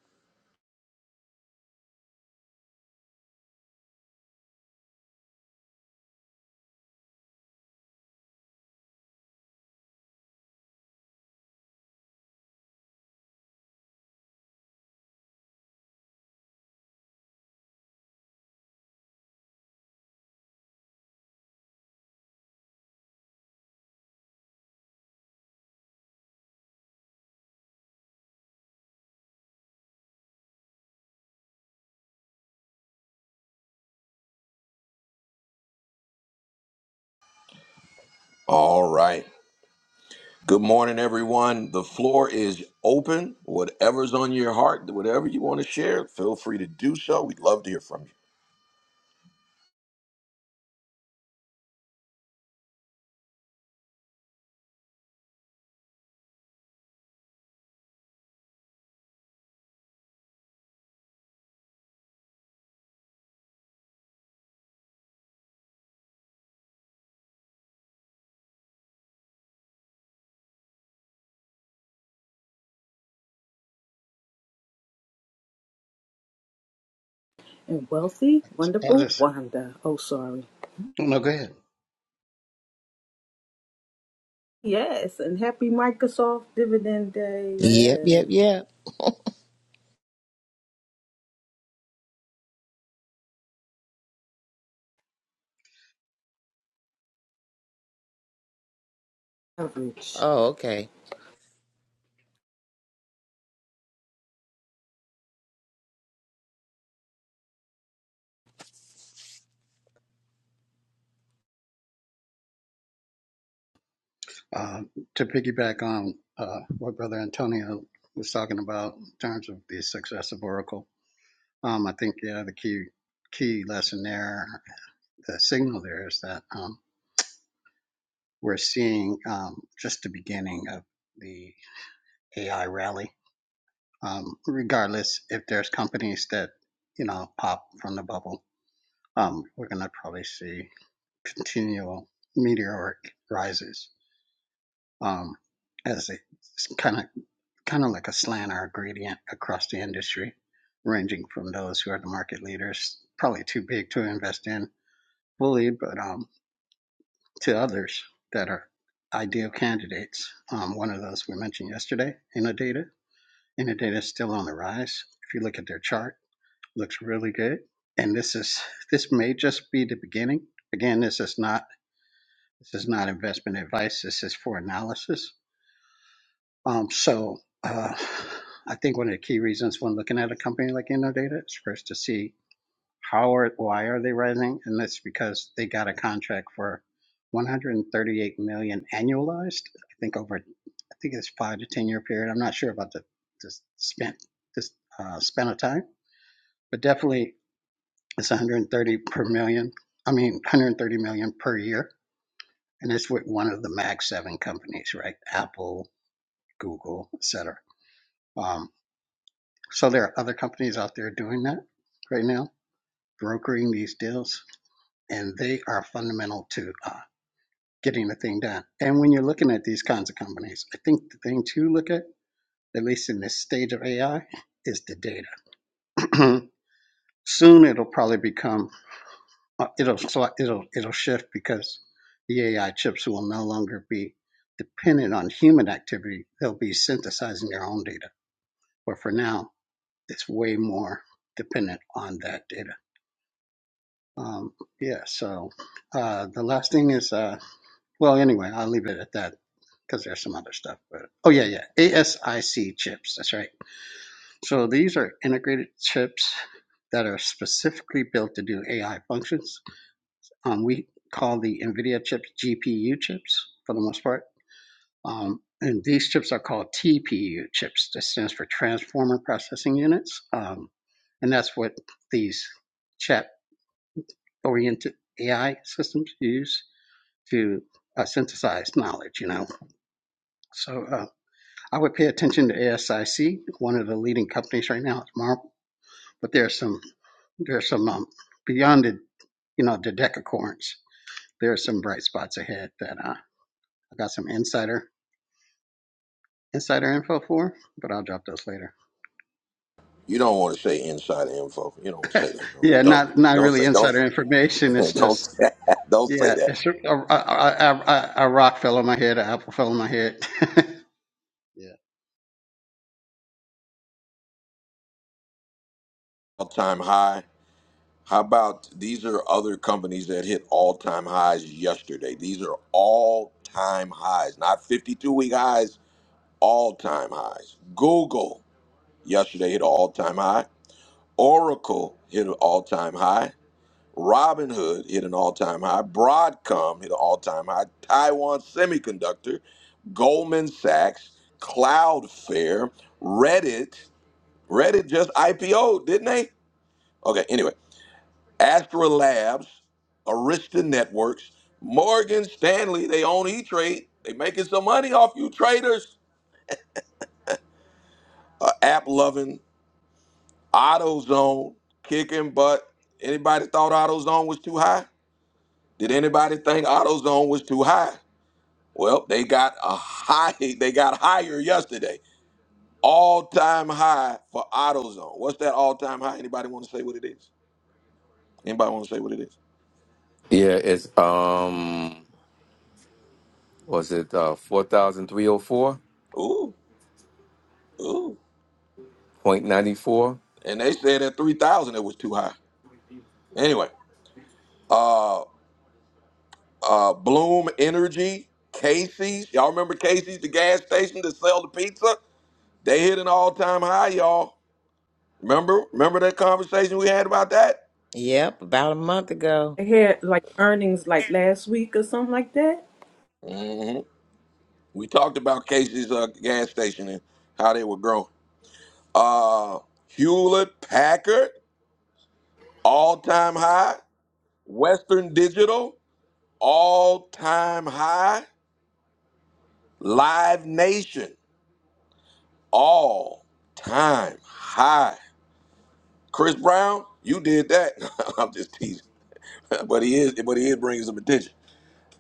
Speaker 1: All right. Good morning, everyone. The floor is open. Whatever's on your heart, whatever you want to share, feel free to do so. We'd love to hear from you.
Speaker 2: And wealthy,
Speaker 14: I'll
Speaker 2: wonderful
Speaker 14: just
Speaker 2: Wanda. Oh, sorry.
Speaker 14: no go ahead.
Speaker 2: Yes. And happy Microsoft Dividend Day.
Speaker 10: Yep, yep,
Speaker 2: Yes.
Speaker 10: yep.
Speaker 2: Average.
Speaker 10: Oh, okay.
Speaker 14: Uh, to piggyback on uh, what Brother Antonio was talking about in terms of the success of Oracle, um, I think yeah the key key lesson there, the signal there is that um, we're seeing um, just the beginning of the AI rally. Um, regardless if there's companies that you know pop from the bubble, um, we're going to probably see continual meteoric rises um, as it kind of kind of like a slant or a gradient across the industry, ranging from those who are the market leaders, probably too big to invest in fully, but um, to others that are ideal candidates. Um, one of those we mentioned yesterday, Innodata. Innodata is still on the rise. If you look at their chart, it looks really good. And this is this may just be the beginning. Again, this is not this is not investment advice. This is for analysis Um, so uh, I think one of the key reasons when looking at a company like Innodata is first to see how or why are they rising, and that's because they got a contract for 138 million dollars annualized. I think over I think it's five to ten year period. I'm not sure about the the spent this uh, span of time, but definitely it's 130 per million. I mean 130 million dollars per year, and it's with one of the Mag Seven companies, right? Apple, Google, et cetera. Um, So there are other companies out there doing that right now, brokering these deals, and they are fundamental to uh, getting the thing done. And when you're looking at these kinds of companies, I think the thing to look at, at least in this stage of AI, is the data. Soon it'll probably become uh, it'll sli- it'll it'll shift because the AI chips will no longer be dependent on human activity. They'll be synthesizing their own data. But for now, it's way more dependent on that data Um, yeah, so uh, the last thing is, uh, well, anyway, I'll leave it at that because there's some other stuff. But oh yeah, yeah, ASIC chips. That's right. So these are integrated chips that are specifically built to do AI functions. Um, we call the NVIDIA chips GPU chips for the most part. Um, and these chips are called TPU chips. That stands for Transformer Processing Units. Um, and that's what these chat oriented AI systems use to uh, synthesize knowledge, you know. So uh, I would pay attention to ASIC, one of the leading companies right now. It's Marvel, but there's some there's some um, beyond the you know the decacorns. There are some bright spots ahead that uh, I got some insider insider info for, but I'll drop those later.
Speaker 1: You don't want to say inside info. You don't want to say that.
Speaker 14: Yeah, not
Speaker 1: Don't
Speaker 14: not
Speaker 1: don't say
Speaker 14: really
Speaker 1: don't
Speaker 14: insider information. It's
Speaker 1: don't
Speaker 14: just
Speaker 1: say, don't say
Speaker 14: yeah,
Speaker 1: that.
Speaker 14: it's a, a, a, a, a rock fell on my head, an apple fell on my head. yeah.
Speaker 1: All time high. How about these are other companies that hit all time highs yesterday? These are all time highs, not 52 week highs, all time highs. Google yesterday hit an all time high. Oracle hit an all time high. Robinhood hit an all-time high. Broadcom hit an all-time high. Taiwan Semiconductor, Goldman Sachs, Cloudflare, Reddit. Reddit just IPO, didn't they? Okay, anyway. Astra Labs, Arista Networks, Morgan Stanley, they own E-Trade. They making some money off you traders. Uh, app loving, AutoZone, kicking butt. Anybody thought AutoZone was too high? Did anybody think AutoZone was too high? Well, they got a high. They got higher yesterday. All time high for AutoZone. What's that all time high? Anybody want to say what it is? Anybody want to say what it is?
Speaker 7: Yeah, it's um was it uh four thousand three oh four
Speaker 1: Ooh, ooh.
Speaker 7: point ninety four
Speaker 1: And they said at three thousand it was too high. Anyway, uh, uh, Bloom Energy, Casey's. Y'all remember Casey's, the gas station that sell the pizza? They hit an all time high, y'all. Remember? Remember that conversation we had about that?
Speaker 10: Yep, about a month ago.
Speaker 2: They had like earnings like last week or something like that.
Speaker 1: hmm We talked about Casey's uh, gas station and how they were growing. uh, Hewlett Packard, all time high. Western Digital, all time high. Live Nation, all time high. Chris Brown, you did that. I'm just teasing, but he is, but he is bringing some attention.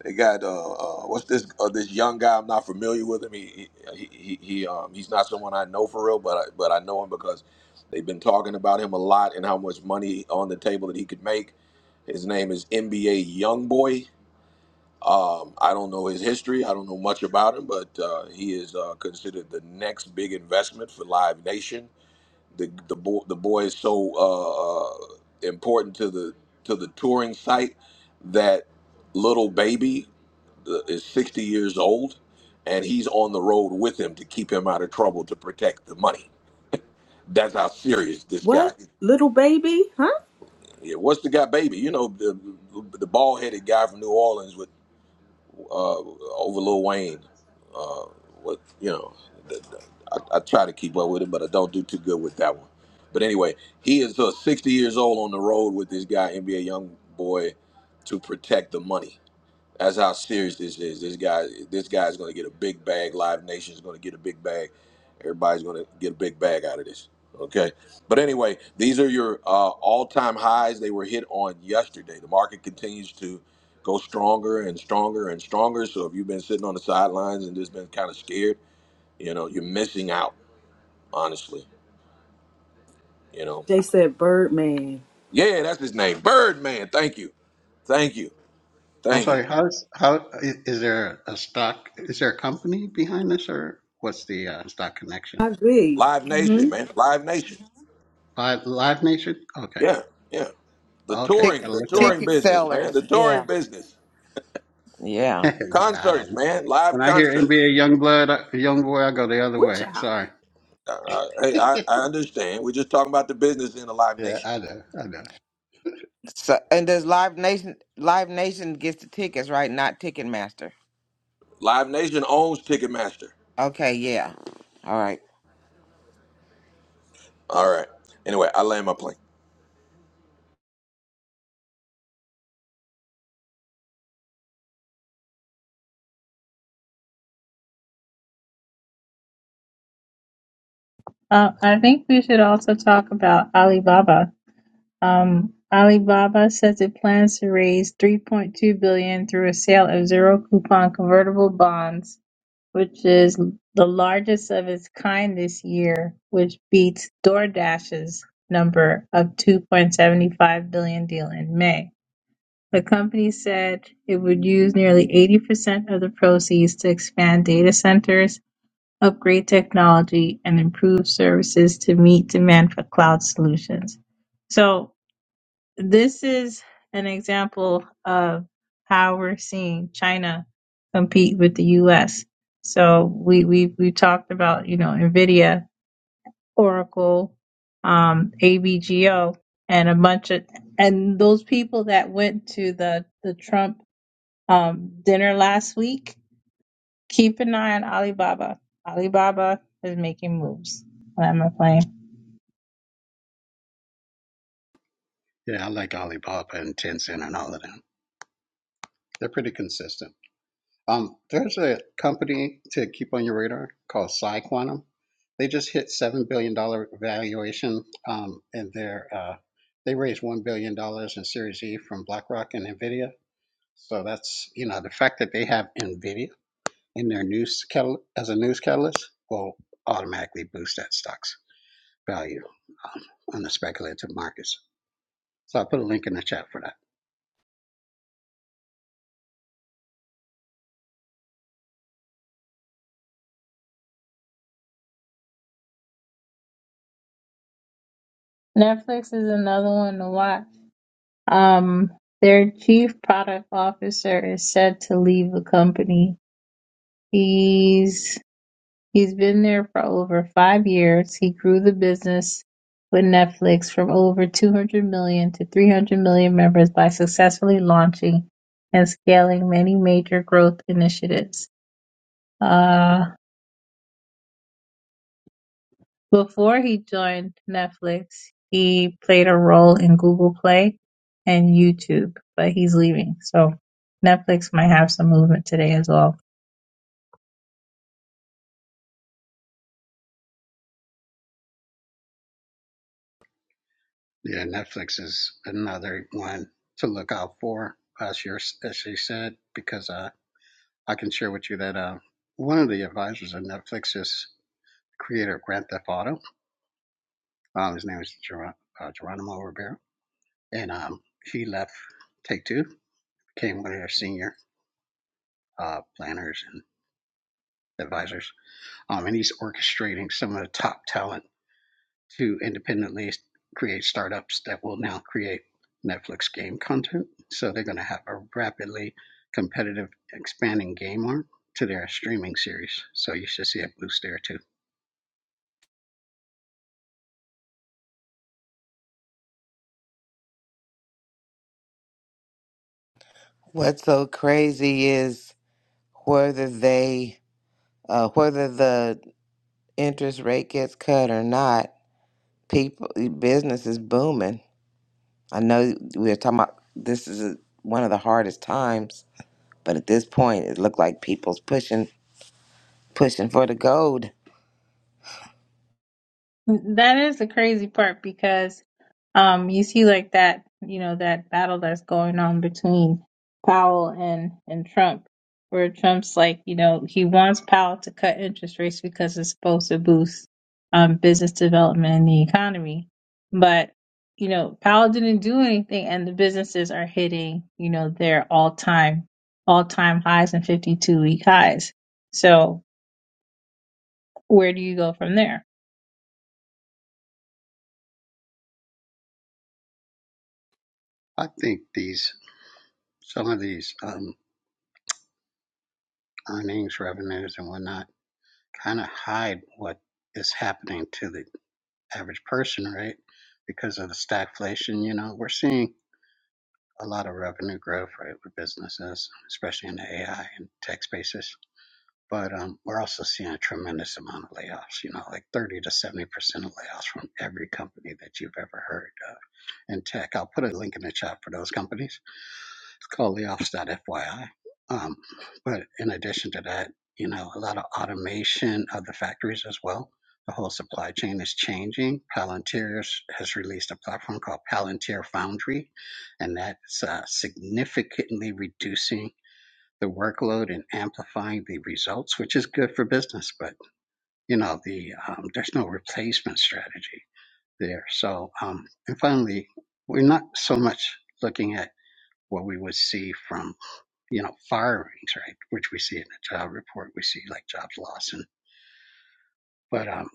Speaker 1: They got uh, uh what's this uh, this young guy? I'm not familiar with him. He he he, he um he's not someone I know for real, but I, but I know him because they've been talking about him a lot and how much money on the table that he could make His name is NBA Youngboy. Um, I don't know his history. I don't know much about him, but uh, he is uh, considered the next big investment for Live Nation. The the boy the boy is so uh, uh, important to the to the touring site that little baby the- is 60 years old and he's on the road with him to keep him out of trouble to protect the money. That's how serious this
Speaker 2: What?
Speaker 1: guy.
Speaker 2: Little baby? Huh?
Speaker 1: Yeah, what's the guy, baby? You know, the the bald headed guy from New Orleans. uh, over Lil Wayne. Uh, what you know, the, the- I, I try to keep up with him, but I don't do too good with that one. But anyway, he is uh, 60 years old on the road with this guy, NBA young boy, to protect the money. That's how serious this is. This guy, this guy's going to get a big bag. Live Nation is going to get a big bag. Everybody's going to get a big bag out of this. Okay, but anyway, these are your uh, all-time highs. They were hit on yesterday. The market continues to go stronger and stronger and stronger. So if you've been sitting on the sidelines and just been kind of scared, you know, you're missing out. Honestly, you know.
Speaker 2: They said Birdman.
Speaker 1: Yeah, that's his name, Birdman. Thank you, thank you,
Speaker 14: I'm
Speaker 1: thank you.
Speaker 14: sorry. How's how is, is there a stock? Is there a company behind this, or what's the uh, stock connection?
Speaker 2: I agree.
Speaker 1: Live Nation,
Speaker 2: Mm-hmm.
Speaker 1: man. Live Nation.
Speaker 14: Live, Live Nation. Okay,
Speaker 1: Yeah, yeah. The
Speaker 14: okay. I
Speaker 10: Tick,
Speaker 1: touring,
Speaker 14: gotta
Speaker 1: the
Speaker 14: look it
Speaker 1: touring
Speaker 14: up.
Speaker 10: ticket
Speaker 1: business, man.
Speaker 10: sellers.
Speaker 1: The
Speaker 10: Yeah.
Speaker 1: touring business.
Speaker 10: Yeah.
Speaker 14: I
Speaker 1: Concerts,
Speaker 14: don't. know.
Speaker 1: man. Live
Speaker 14: When I hear
Speaker 1: concerts.
Speaker 14: NBA young blood, uh, young boy, I go the other
Speaker 2: Good
Speaker 14: way.
Speaker 2: job.
Speaker 14: Sorry.
Speaker 1: Uh, uh, hey, I,
Speaker 14: yeah,
Speaker 1: I understand. We're just talking about the business in the Live Nation.
Speaker 14: I know. I know.
Speaker 10: So and does Live Nation Live Nation gets the tickets, right? Not Ticketmaster.
Speaker 1: Live Nation owns Ticketmaster.
Speaker 10: Okay, yeah. All right.
Speaker 1: All right. Anyway, I land my plane.
Speaker 11: Uh, I think we should also talk about Alibaba. Um, Alibaba says it plans to raise 3.2 billion through a sale of zero coupon convertible bonds, which is the largest of its kind this year, which beats DoorDash's number of 2.75 billion deal in May. The company said it would use nearly 80% of the proceeds to expand data centers Upgrade technology and improve services to meet demand for cloud solutions. So this is an example of how we're seeing China compete with the US. So we we we talked about, you know, Nvidia, Oracle, um, ABGO and a bunch of and those people that went to the the Trump um, dinner last week Keep an eye on Alibaba. Alibaba is making moves. What am I playing?
Speaker 14: Yeah, I like Alibaba and Tencent and all of them. They're pretty consistent. Um, there's a company to keep on your radar called PsiQuantum. They just hit seven billion dollar valuation, um, and they're uh, they raised one billion dollars in Series E from BlackRock and Nvidia. So that's you know the fact that they have Nvidia in their news catal- as a news catalyst will automatically boost that stock's value um, on the speculative markets. So I will put a link in the chat for that.
Speaker 11: Netflix is another one to watch. Um, their chief product officer is said to leave the company. He's he's been there for over five years. He grew the business with Netflix from over 200 million to 300 million members by successfully launching and scaling many major growth initiatives. Uh, Before he joined Netflix, he played a role in Google Play and YouTube, but he's leaving. So Netflix might have some movement today as well.
Speaker 14: Yeah, Netflix is another one to look out for, as you as she said, because uh, I can share with you that uh, one of the advisors of Netflix is creator of Grand Theft Auto. Um, his name is Geron- uh, Geronimo Rivera, and um, he left Take Two, became one of their senior uh, planners and advisors, um, and he's orchestrating some of the top talent to independently create startups that will now create Netflix game content. So they're going to have a rapidly competitive, expanding game arm to their streaming series. So you should see a boost there too.
Speaker 10: What's so crazy is whether they uh, whether the interest rate gets cut or not people business is booming i know we are talking about this is a, one of the hardest times but at this point it looked like people's pushing pushing for the gold
Speaker 11: That is the crazy part because um you see like that, you know, that battle that's going on between Powell and and Trump where Trump's like, you know, he wants Powell to cut interest rates because it's supposed to boost um business development and the economy. But, you know, Powell didn't do anything and the businesses are hitting, you know, their all-time all-time highs and 52 week highs. So, where do you go from there?
Speaker 14: I think these some of these um, earnings, revenues, and whatnot kind of hide what is happening to the average person, right? Because of the stagflation, you know, we're seeing a lot of revenue growth, right, with businesses, especially in the AI and tech spaces But um, we're also seeing a tremendous amount of layoffs, you know, like 30 to 70% of layoffs from every company that you've ever heard of in tech. I'll put a link in the chat for those companies. It's called layoffs.fyi. Um, but in addition to that, you know, a lot of automation of the factories as well. The whole supply chain is changing. Palantir has has released a platform called Palantir Foundry, and that's uh, significantly reducing the workload and amplifying the results, which is good for business. But you know, the um, there's no replacement strategy there. So, um, and finally, we're not so much looking at what we would see from you know firings, right? Which we see in the job report, we see like jobs lost, and but um,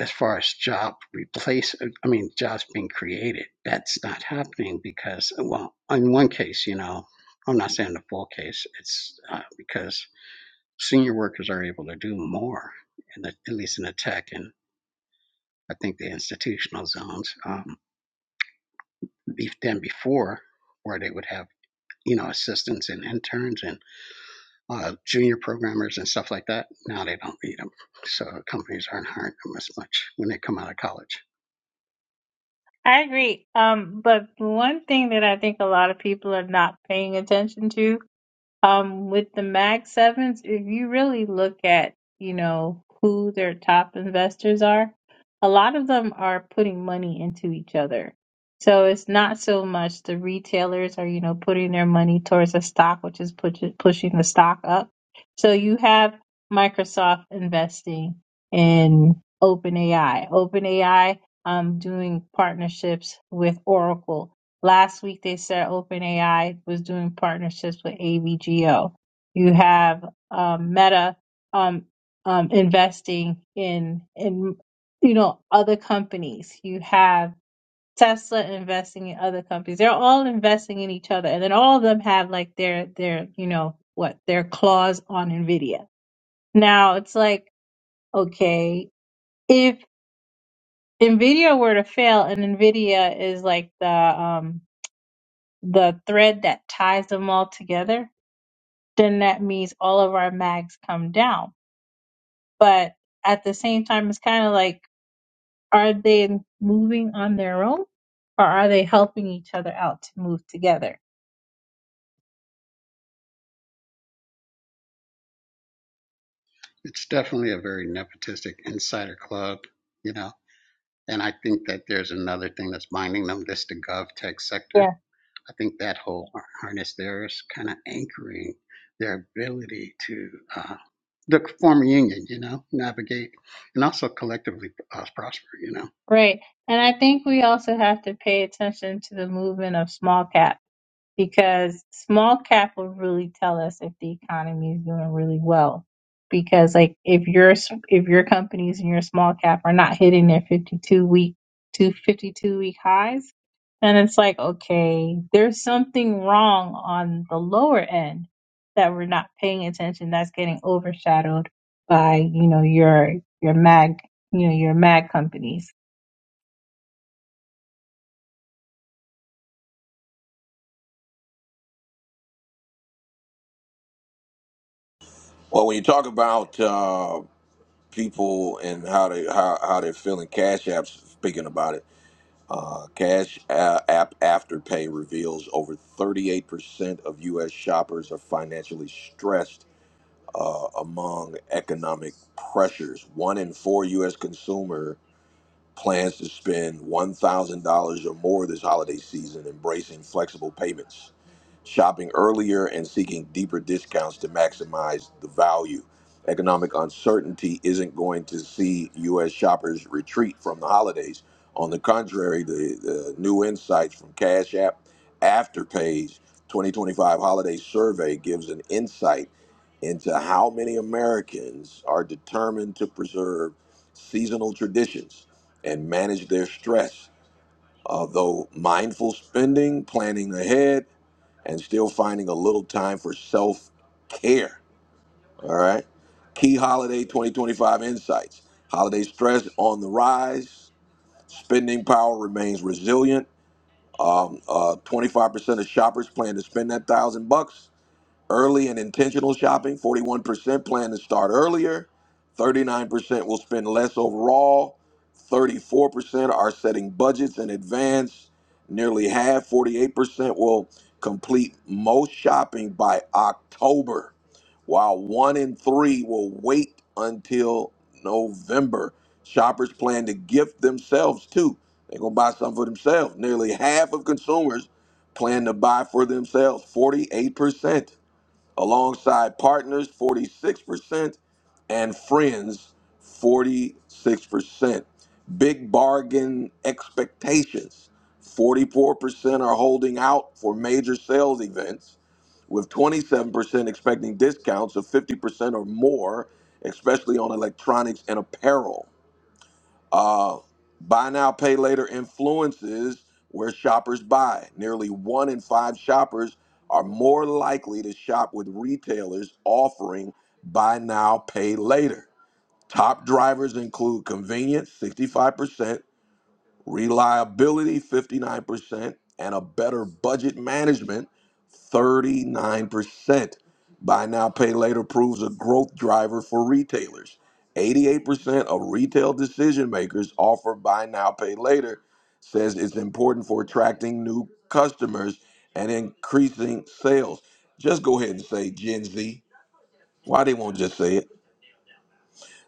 Speaker 14: as far as job replace, I mean jobs being created, that's not happening because well, in one case, you know, I'm not saying the full case. It's uh, because senior workers are able to do more, in the, at least in the tech and I think the institutional zones, um, than before, where they would have you know assistants and interns and uh, junior programmers and stuff like that. Now they don't need them, so companies aren't hiring them as much when they come out of college.
Speaker 11: I agree. Um, but one thing that I think a lot of people are not paying attention to um, with the Mag Sevens, if you really look at, you know, who their top investors are, a lot of them are putting money into each other. So it's not so much the retailers are, you know, putting their money towards a stock, which is push pushing the stock up. So you have Microsoft investing in OpenAI, OpenAI um, doing partnerships with Oracle Last week they said OpenAI was doing partnerships with AVGO. You have um, Meta um, um, investing in in you know other companies. You have Tesla investing in other companies. They're all investing in each other, and then all of them have like their their you know what their claws on Nvidia. Now it's like okay, if Nvidia were to fail, and Nvidia is like the um, the thread that ties them all together, then that means all of our mags come down. But at the same time, it's kind of like, are they moving on their own or are they helping each other out to move together?
Speaker 14: It's definitely a very nepotistic insider club, you know. And I think that there's another thing that's binding them. This the gov tech sector
Speaker 11: Yeah.
Speaker 14: I think that whole harness there is kind of anchoring their ability to uh, look form a union, you know, navigate and also collectively uh, prosper, you know.
Speaker 11: Right. And I think we also have to pay attention to the movement of small caps. because small cap will really tell us if the economy is doing really well. Because like if your if your companies and your small cap are not hitting their 52 week to 52 week highs, then it's like okay, there's something wrong on the lower end that we're not paying attention. That's getting overshadowed by you know your your mag you know your mag companies.
Speaker 1: Well, when you talk about uh, people and how they how, how they're feeling, Cash App's speaking about it. Uh, Cash uh, App Afterpay reveals over 38% of U.S. shoppers are financially stressed uh, among economic pressures. One in four U.S. consumer Plans to spend $1,000 or more this holiday season embracing flexible payments, shopping earlier, and seeking deeper discounts to maximize the value. Economic uncertainty isn't going to see U.S. shoppers retreat from the holidays. On the contrary, the, the new insights from Cash App Afterpay's 2025 holiday survey gives an insight into how many Americans are determined to preserve seasonal traditions and manage their stress, uh, though mindful spending, planning ahead, and still finding a little time for self care. All right. Key holiday 2025 insights holiday stress on the rise, spending power remains resilient. Um, uh, 25% of shoppers plan to spend that thousand bucks Early and intentional shopping, 41% plan to start earlier. 39% will spend less overall. 34% are setting budgets in advance. Nearly half, 48%, will complete most shopping by October, while one in three will wait until November. Shoppers plan to gift themselves too. They're going to buy something for themselves. Nearly half of consumers plan to buy for themselves, 48% alongside partners 46% and friends 46% big bargain expectations 44% are holding out for major sales events with 27% expecting discounts of 50% or more especially on electronics and apparel uh, buy now, pay later influences where shoppers buy. Nearly one in five shoppers are more likely to shop with retailers offering buy now, pay later. Top drivers include convenience, 65%, reliability, 59%, and a better budget management 39%. Buy now, pay later proves a growth driver for retailers. 88% of retail decision makers offer buy now, pay later, says it's important for attracting new customers and increasing sales. Just go ahead and say Gen Z. Why they won't just say it?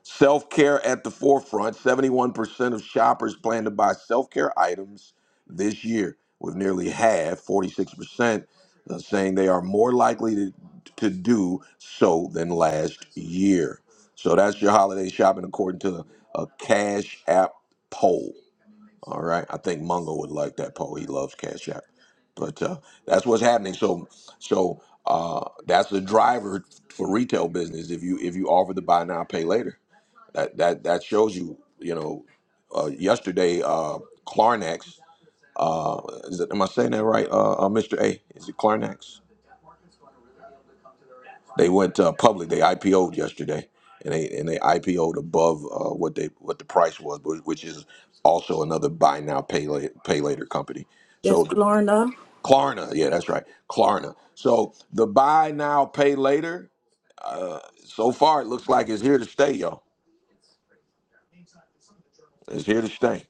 Speaker 1: Self care at the forefront. 71% of shoppers plan to buy self care items this year, with nearly half, 46%, uh, saying they are more likely to, to do so than last year. So that's your holiday shopping according to a Cash App poll. All right. I think Mungo would like that poll. He loves Cash App. But uh, that's what's happening. So, so uh, that's the driver for retail business. If you if you offer the buy now pay later, that that that shows you, you know, uh, yesterday, uh, Clarnex, uh, is it, am I saying that right, uh, uh, Mr. A? Is it Clarnex? They went uh, public. They IPO'd yesterday, and they and they IPO'd above uh, what they what the price was, wh- which is also another buy now pay later, pay later company.
Speaker 2: Yes,
Speaker 1: So the,
Speaker 2: Klarna.
Speaker 1: Klarna, yeah, that's right, Klarna. So the buy now pay later. Uh, so far, it looks like it's here to stay, y'all. It's here to stay.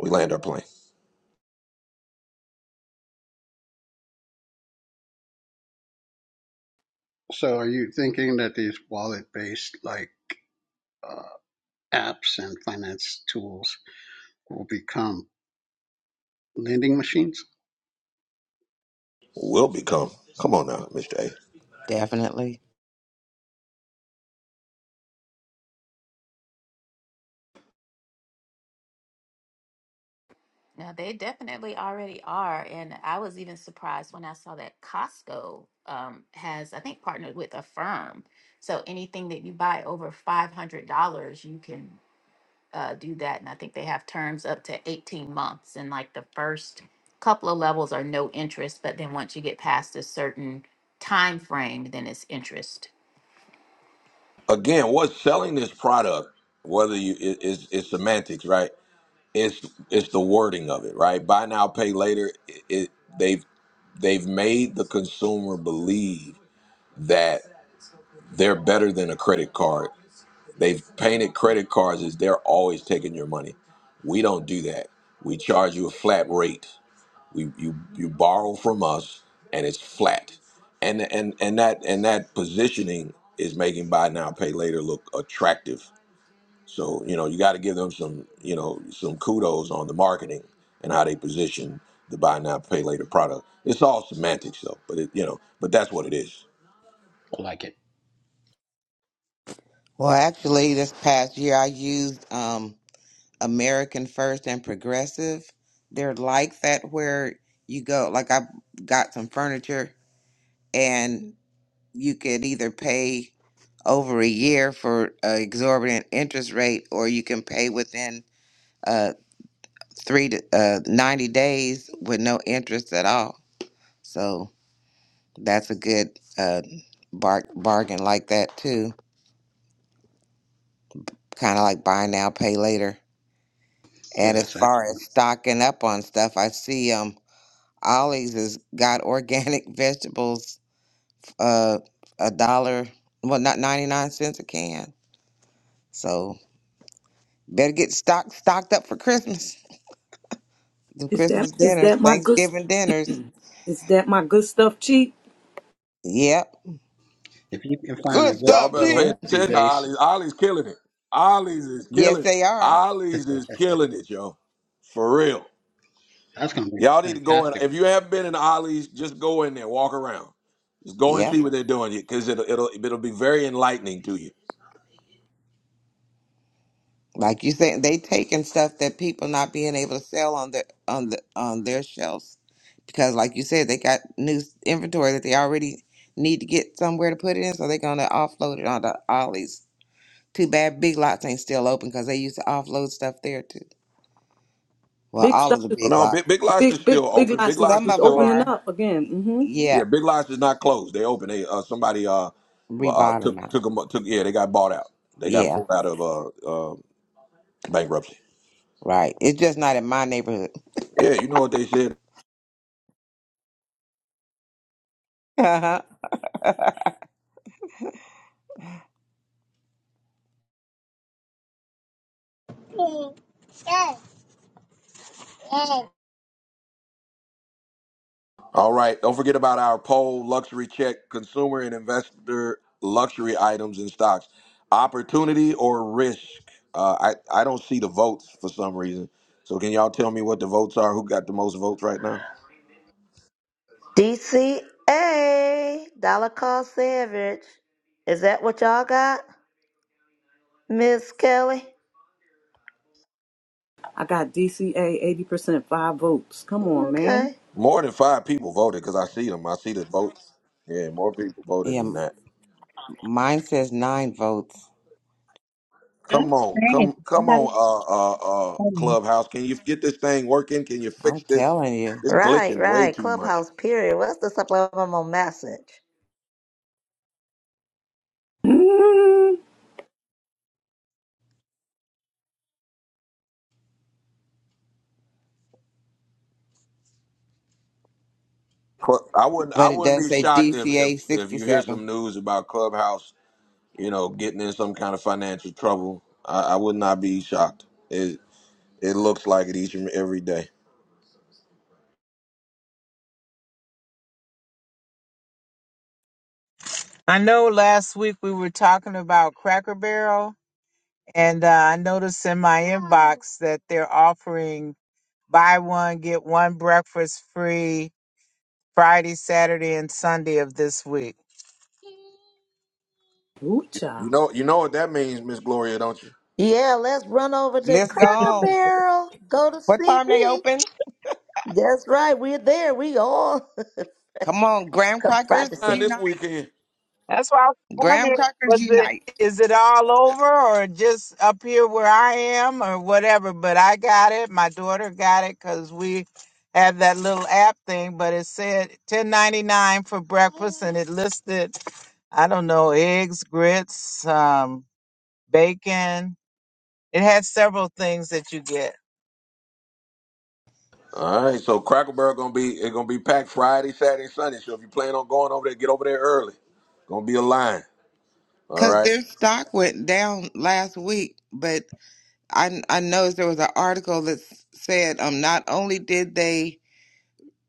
Speaker 1: We land our plane.
Speaker 14: So, are you thinking that these wallet-based like uh, apps and finance tools will become lending machines?
Speaker 1: will become. Come on now, Mr. A.
Speaker 10: definitely
Speaker 1: Again, what's selling this product, whether you it, it's, it's semantics, right? It's it's the wording of it, right? Buy now, pay later. It, it they've they've made the consumer believe that they're better than a credit card. They've painted credit cards as they're always taking your money. We don't do that. We charge you a flat rate. We you you borrow from us, and it's flat. And and and that and that positioning is making buy now pay later look attractive. So you know you got to give them some you know some kudos on the marketing and how they position the buy now pay later product. It's all semantics though, but it, you know but that's what it is.
Speaker 14: I like it.
Speaker 10: well actually this past year i used um, american first and progressive they're like that where you go like i got some furniture and. you could either pay over a year for an exorbitant interest rate or you can pay within uh, three to uh, 90 days with no interest at all. So that's a good uh, bar- bargain like that too. Kind of like buy now, pay later.
Speaker 14: Yeah,
Speaker 10: And as
Speaker 14: that's
Speaker 10: far as
Speaker 14: excellent.
Speaker 10: stocking up on stuff, I see um Ollie's has got organic vegetables uh a dollar well not 99 cents a can. So Better get stocked stocked up for Christmas. Them
Speaker 2: Is that
Speaker 10: Christmas
Speaker 2: is
Speaker 10: dinners,
Speaker 2: that my good
Speaker 10: Thanksgiving dinners.
Speaker 2: is that my good stuff cheap?
Speaker 10: Yep.
Speaker 14: If you can find
Speaker 10: Good
Speaker 14: a good
Speaker 1: Y'all
Speaker 10: stuff,
Speaker 1: better
Speaker 10: cheap.
Speaker 1: pay
Speaker 14: loyalty
Speaker 1: attention to
Speaker 14: base,
Speaker 1: Ollie's. Ollie's killing it. Ollie's is
Speaker 10: Yes,
Speaker 1: killing.
Speaker 10: they are.
Speaker 1: Ollie's is killing it, yo. For real.
Speaker 14: that's going to be
Speaker 1: Y'all need to go in.
Speaker 14: fantastic.
Speaker 1: If you have been in the Ollie's, just go in there, walk around, just go and
Speaker 10: Yep.
Speaker 1: see what they're doing, because it'll it'll it'll be very enlightening to you.
Speaker 10: Like you said, they taking stuff that people not being able to sell on the on the on their shelves. Because like you said, they got new inventory that they already need to get somewhere to put it in, so they're gonna offload it on the ollies. Too bad big lots ain't still open because they used to offload stuff there too. Well,
Speaker 2: Big
Speaker 10: all of
Speaker 2: stuff.
Speaker 10: the
Speaker 1: Oh,
Speaker 10: big
Speaker 1: no,
Speaker 10: lots.
Speaker 1: Big, Big Lots
Speaker 2: Big
Speaker 1: is
Speaker 2: big
Speaker 1: still
Speaker 2: big
Speaker 1: open. Big
Speaker 2: lots is,
Speaker 1: Lots
Speaker 10: Some
Speaker 1: is
Speaker 2: is
Speaker 10: of them
Speaker 1: still
Speaker 2: opening
Speaker 1: open.
Speaker 10: are.
Speaker 2: up again. hmm
Speaker 10: Yeah,
Speaker 1: Yeah, Big Lots is not closed. They open. They uh, somebody uh, bu- uh took
Speaker 10: rebottom out.
Speaker 1: took them took yeah they got bought out. They got
Speaker 10: Yeah,
Speaker 1: pulled out of uh, uh bankruptcy.
Speaker 10: right. It's just not in my neighborhood.
Speaker 1: Yeah, you know what they said.
Speaker 10: yeah,
Speaker 1: All right. Don't forget about our poll luxury check consumer and investor luxury items and stocks. Opportunity or risk? Uh, I, I don't see the votes for some reason. So, can y'all tell me what the votes are? Who got the most votes right now?
Speaker 5: DCA, dollar cost average. Is that what y'all got, Miss Kelly?
Speaker 2: I got DCA eighty percent five votes. Come on, man.
Speaker 5: Okay.
Speaker 1: More than five people voted because I see them. I see the votes. Yeah, more people voted than
Speaker 10: m-
Speaker 1: that.
Speaker 10: mine says nine votes.
Speaker 1: Come
Speaker 11: That's
Speaker 1: on,
Speaker 11: great.
Speaker 1: come, come
Speaker 11: Somebody's
Speaker 1: on, uh, uh, uh,
Speaker 11: funny.
Speaker 1: Clubhouse. Can you get this thing working? Can you
Speaker 10: I'm
Speaker 1: fix this?
Speaker 10: telling you.
Speaker 1: It's glitching
Speaker 5: Right,
Speaker 1: way
Speaker 5: right.
Speaker 1: too much.
Speaker 5: Clubhouse period. What's the supplemental message?
Speaker 2: mm
Speaker 1: Cl- I wouldn't. I
Speaker 10: But it
Speaker 1: wouldn't
Speaker 10: does
Speaker 1: be
Speaker 10: say
Speaker 1: shocked if, if
Speaker 10: DCA
Speaker 1: if you hear
Speaker 10: 67.
Speaker 1: some news about Clubhouse, you know, getting in some kind of financial trouble. I, I would not be shocked. It it looks like it each and every day.
Speaker 3: I know last week we were talking about Cracker Barrel, and uh, I noticed in my inbox that they're offering Buy one, get one breakfast free Friday, Saturday, and Sunday of this week.
Speaker 2: Ooh,
Speaker 1: You
Speaker 2: child.
Speaker 1: know. You know what that means, Miss Gloria, don't you?
Speaker 5: Yeah, let's run over to
Speaker 10: Let's
Speaker 5: Cracker
Speaker 10: go.
Speaker 5: Barrel. Go to
Speaker 10: What time they
Speaker 5: CB.
Speaker 10: open?
Speaker 5: That's right. We're there. We all
Speaker 10: Come on, graham
Speaker 5: come
Speaker 10: crackers
Speaker 1: Ah,
Speaker 5: practicing.
Speaker 1: this
Speaker 10: unite.
Speaker 1: weekend.
Speaker 3: That's why I was
Speaker 10: Graham
Speaker 3: wondering,
Speaker 10: crackers
Speaker 3: was it
Speaker 10: unite.
Speaker 3: is it all over or just up here where I am or whatever? But I got it. My daughter got it because we have that little app thing. But it said ten ninety nine for breakfast, and it listed I don't know eggs, grits, um, bacon. It had several things that you get.
Speaker 1: All right. So Cracker Barrel gonna be it's gonna be packed Friday, Saturday, Sunday. So if you plan on going over there, get over there early. Gonna be a line. All
Speaker 10: Because
Speaker 1: right.
Speaker 10: their stock went down last week. But I, I noticed there was an article that s- said um not only did they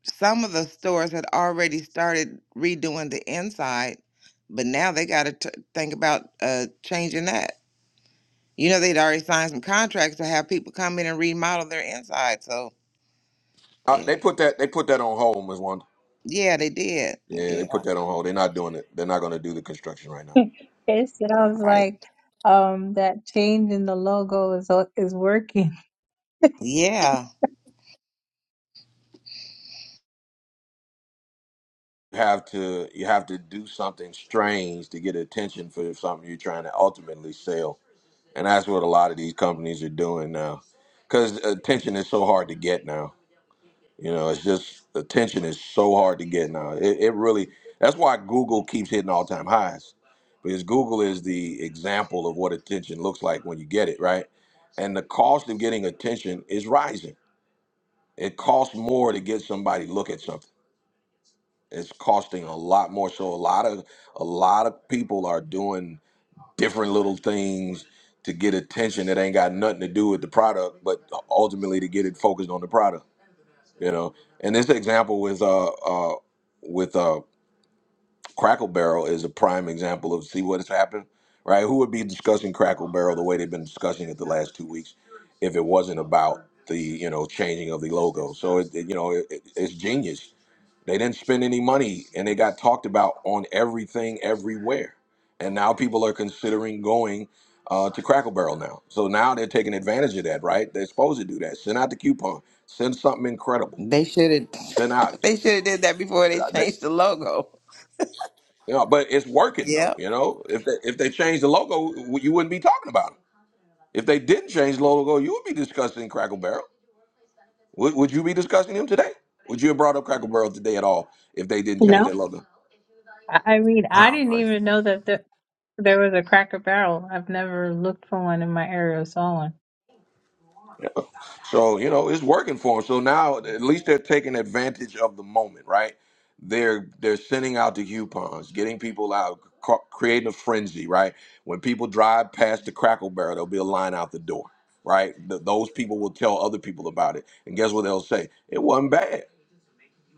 Speaker 10: some of the stores had already started redoing the inside, but now they got to think about uh, changing that. You know, they'd already signed some contracts to have people come in and remodel their inside. So,
Speaker 1: Uh,
Speaker 10: yeah,
Speaker 1: they put that. They put that on hold, Miss Wanda.
Speaker 10: yeah, they did.
Speaker 1: Yeah, they
Speaker 10: Yeah,
Speaker 1: put that on hold. They're not doing it. They're not gonna do the construction right now.
Speaker 11: It's, and I was
Speaker 10: right.
Speaker 11: like, um, that change in the logo is is working.
Speaker 10: Yeah,
Speaker 1: You have to you have to do something strange to get attention for something you're trying to ultimately sell, and that's what a lot of these companies are doing now, because attention is so hard to get now. You know, it's just attention is so hard to get now. It, it really that's why Google keeps hitting all time highs, because Google is the example of what attention looks like when you get it right, and the cost of getting attention is rising. It costs more to get somebody to look at something it's costing a lot more. So a lot of a lot of people are doing different little things to get attention that ain't got nothing to do with the product, but ultimately to get it focused on the product. You know, and this example with uh uh with uh Crackle Barrel is a prime example of see what has happened, right? Who would be discussing Crackle Barrel the way they've been discussing it the last two weeks if it wasn't about the you know changing of the logo? So it, it- you know it, it- it's genius they didn't spend any money and they got talked about on everything everywhere. And now people are considering going uh, to Crackle Barrel now. So now they're taking advantage of that, right? They're supposed to do that. Send out the coupon, send something incredible,
Speaker 10: they should have.
Speaker 1: send out.
Speaker 10: they should have did that before they changed the logo.
Speaker 1: You know, but it's working though.
Speaker 10: Yep.
Speaker 1: You know, if they, if they change the logo, w- you wouldn't be talking about them. If they didn't change the logo, you would be discussing Crackle Barrel. Would, would you be discussing them today? Would you have brought up Crackle Barrel today at all if they didn't
Speaker 11: No,
Speaker 1: change their logo?
Speaker 11: I I mean, I
Speaker 10: Wow.
Speaker 11: didn't even know that there, there was a Cracker Barrel. I've never looked for one in my area or saw one.
Speaker 1: So, you know, it's working for them. So now at least they're taking advantage of the moment, right? They're they're sending out the coupons, getting people out, ca- creating a frenzy, right? When people drive past the Crackle Barrel, there'll be a line out the door, right? Th- those people will tell other people about it, and guess what they'll say? It wasn't bad.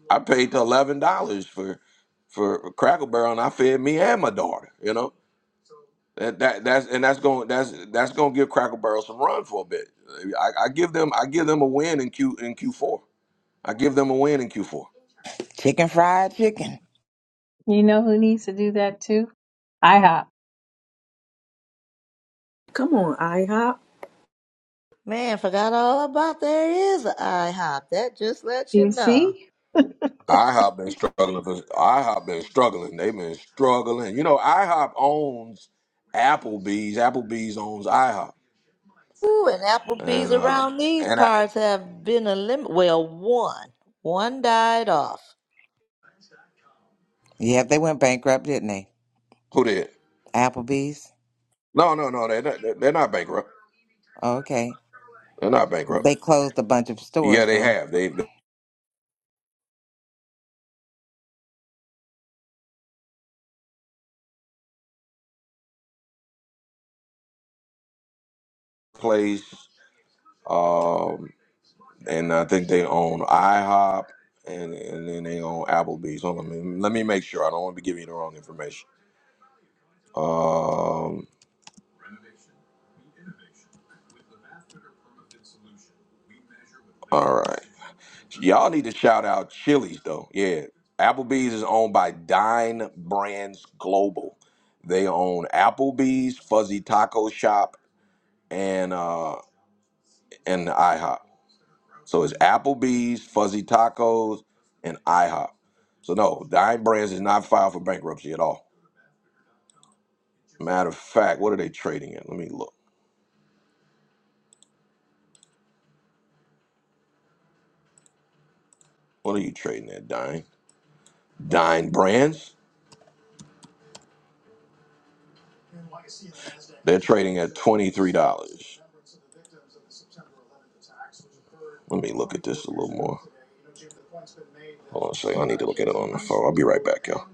Speaker 1: I paid the eleven dollars for for Crackle Barrel, and I fed me and my daughter. You know, that, that that's and that's going that's that's going to give Cracker Barrel some run for a bit. I, I give them I give them a win in Q in Q four. I give them a win in Q four.
Speaker 10: Chicken fried chicken.
Speaker 11: You know who needs to do that too? IHOP.
Speaker 2: Come on, IHOP.
Speaker 5: Man, forgot all about there is an IHOP. That just lets
Speaker 11: You
Speaker 5: you know.
Speaker 11: see?
Speaker 1: IHOP been struggling. For, IHOP been struggling. They've been struggling. You know, IHOP owns Applebee's. Applebee's owns IHOP.
Speaker 5: Ooh, and Applebee's
Speaker 1: And uh,
Speaker 5: around these
Speaker 1: and I
Speaker 5: parts have been a limit. Well, one. One died off.
Speaker 10: Yep, they went bankrupt, didn't they?
Speaker 1: who did?
Speaker 10: Applebee's.
Speaker 1: No, no, no. They're not, they're not bankrupt.
Speaker 10: Okay.
Speaker 1: They're not bankrupt.
Speaker 10: They closed a bunch of
Speaker 1: Yeah,
Speaker 10: stores
Speaker 1: they
Speaker 10: though.
Speaker 1: have. They've placed. Um, and I think they own IHOP, and and then they own Applebee's. Hold on, let me, let me make sure. I don't want to be giving you the wrong information. Um, all right, y'all need to shout out Chili's though. Yeah, Applebee's is owned by Dine Brands Global. They own Applebee's, Fuzzy Taco Shop, and uh and IHOP. So it's Applebee's, Fuzzy Tacos, and IHOP. So no, Dine Brands is not filed for bankruptcy at all. Matter of fact, what are they trading at? Let me look. What are you trading at, Dine? Dine Brands? They're trading at $23. Let me look at this a little more. Hold on a second. I need to look at it on the phone. I'll be right back, y'all.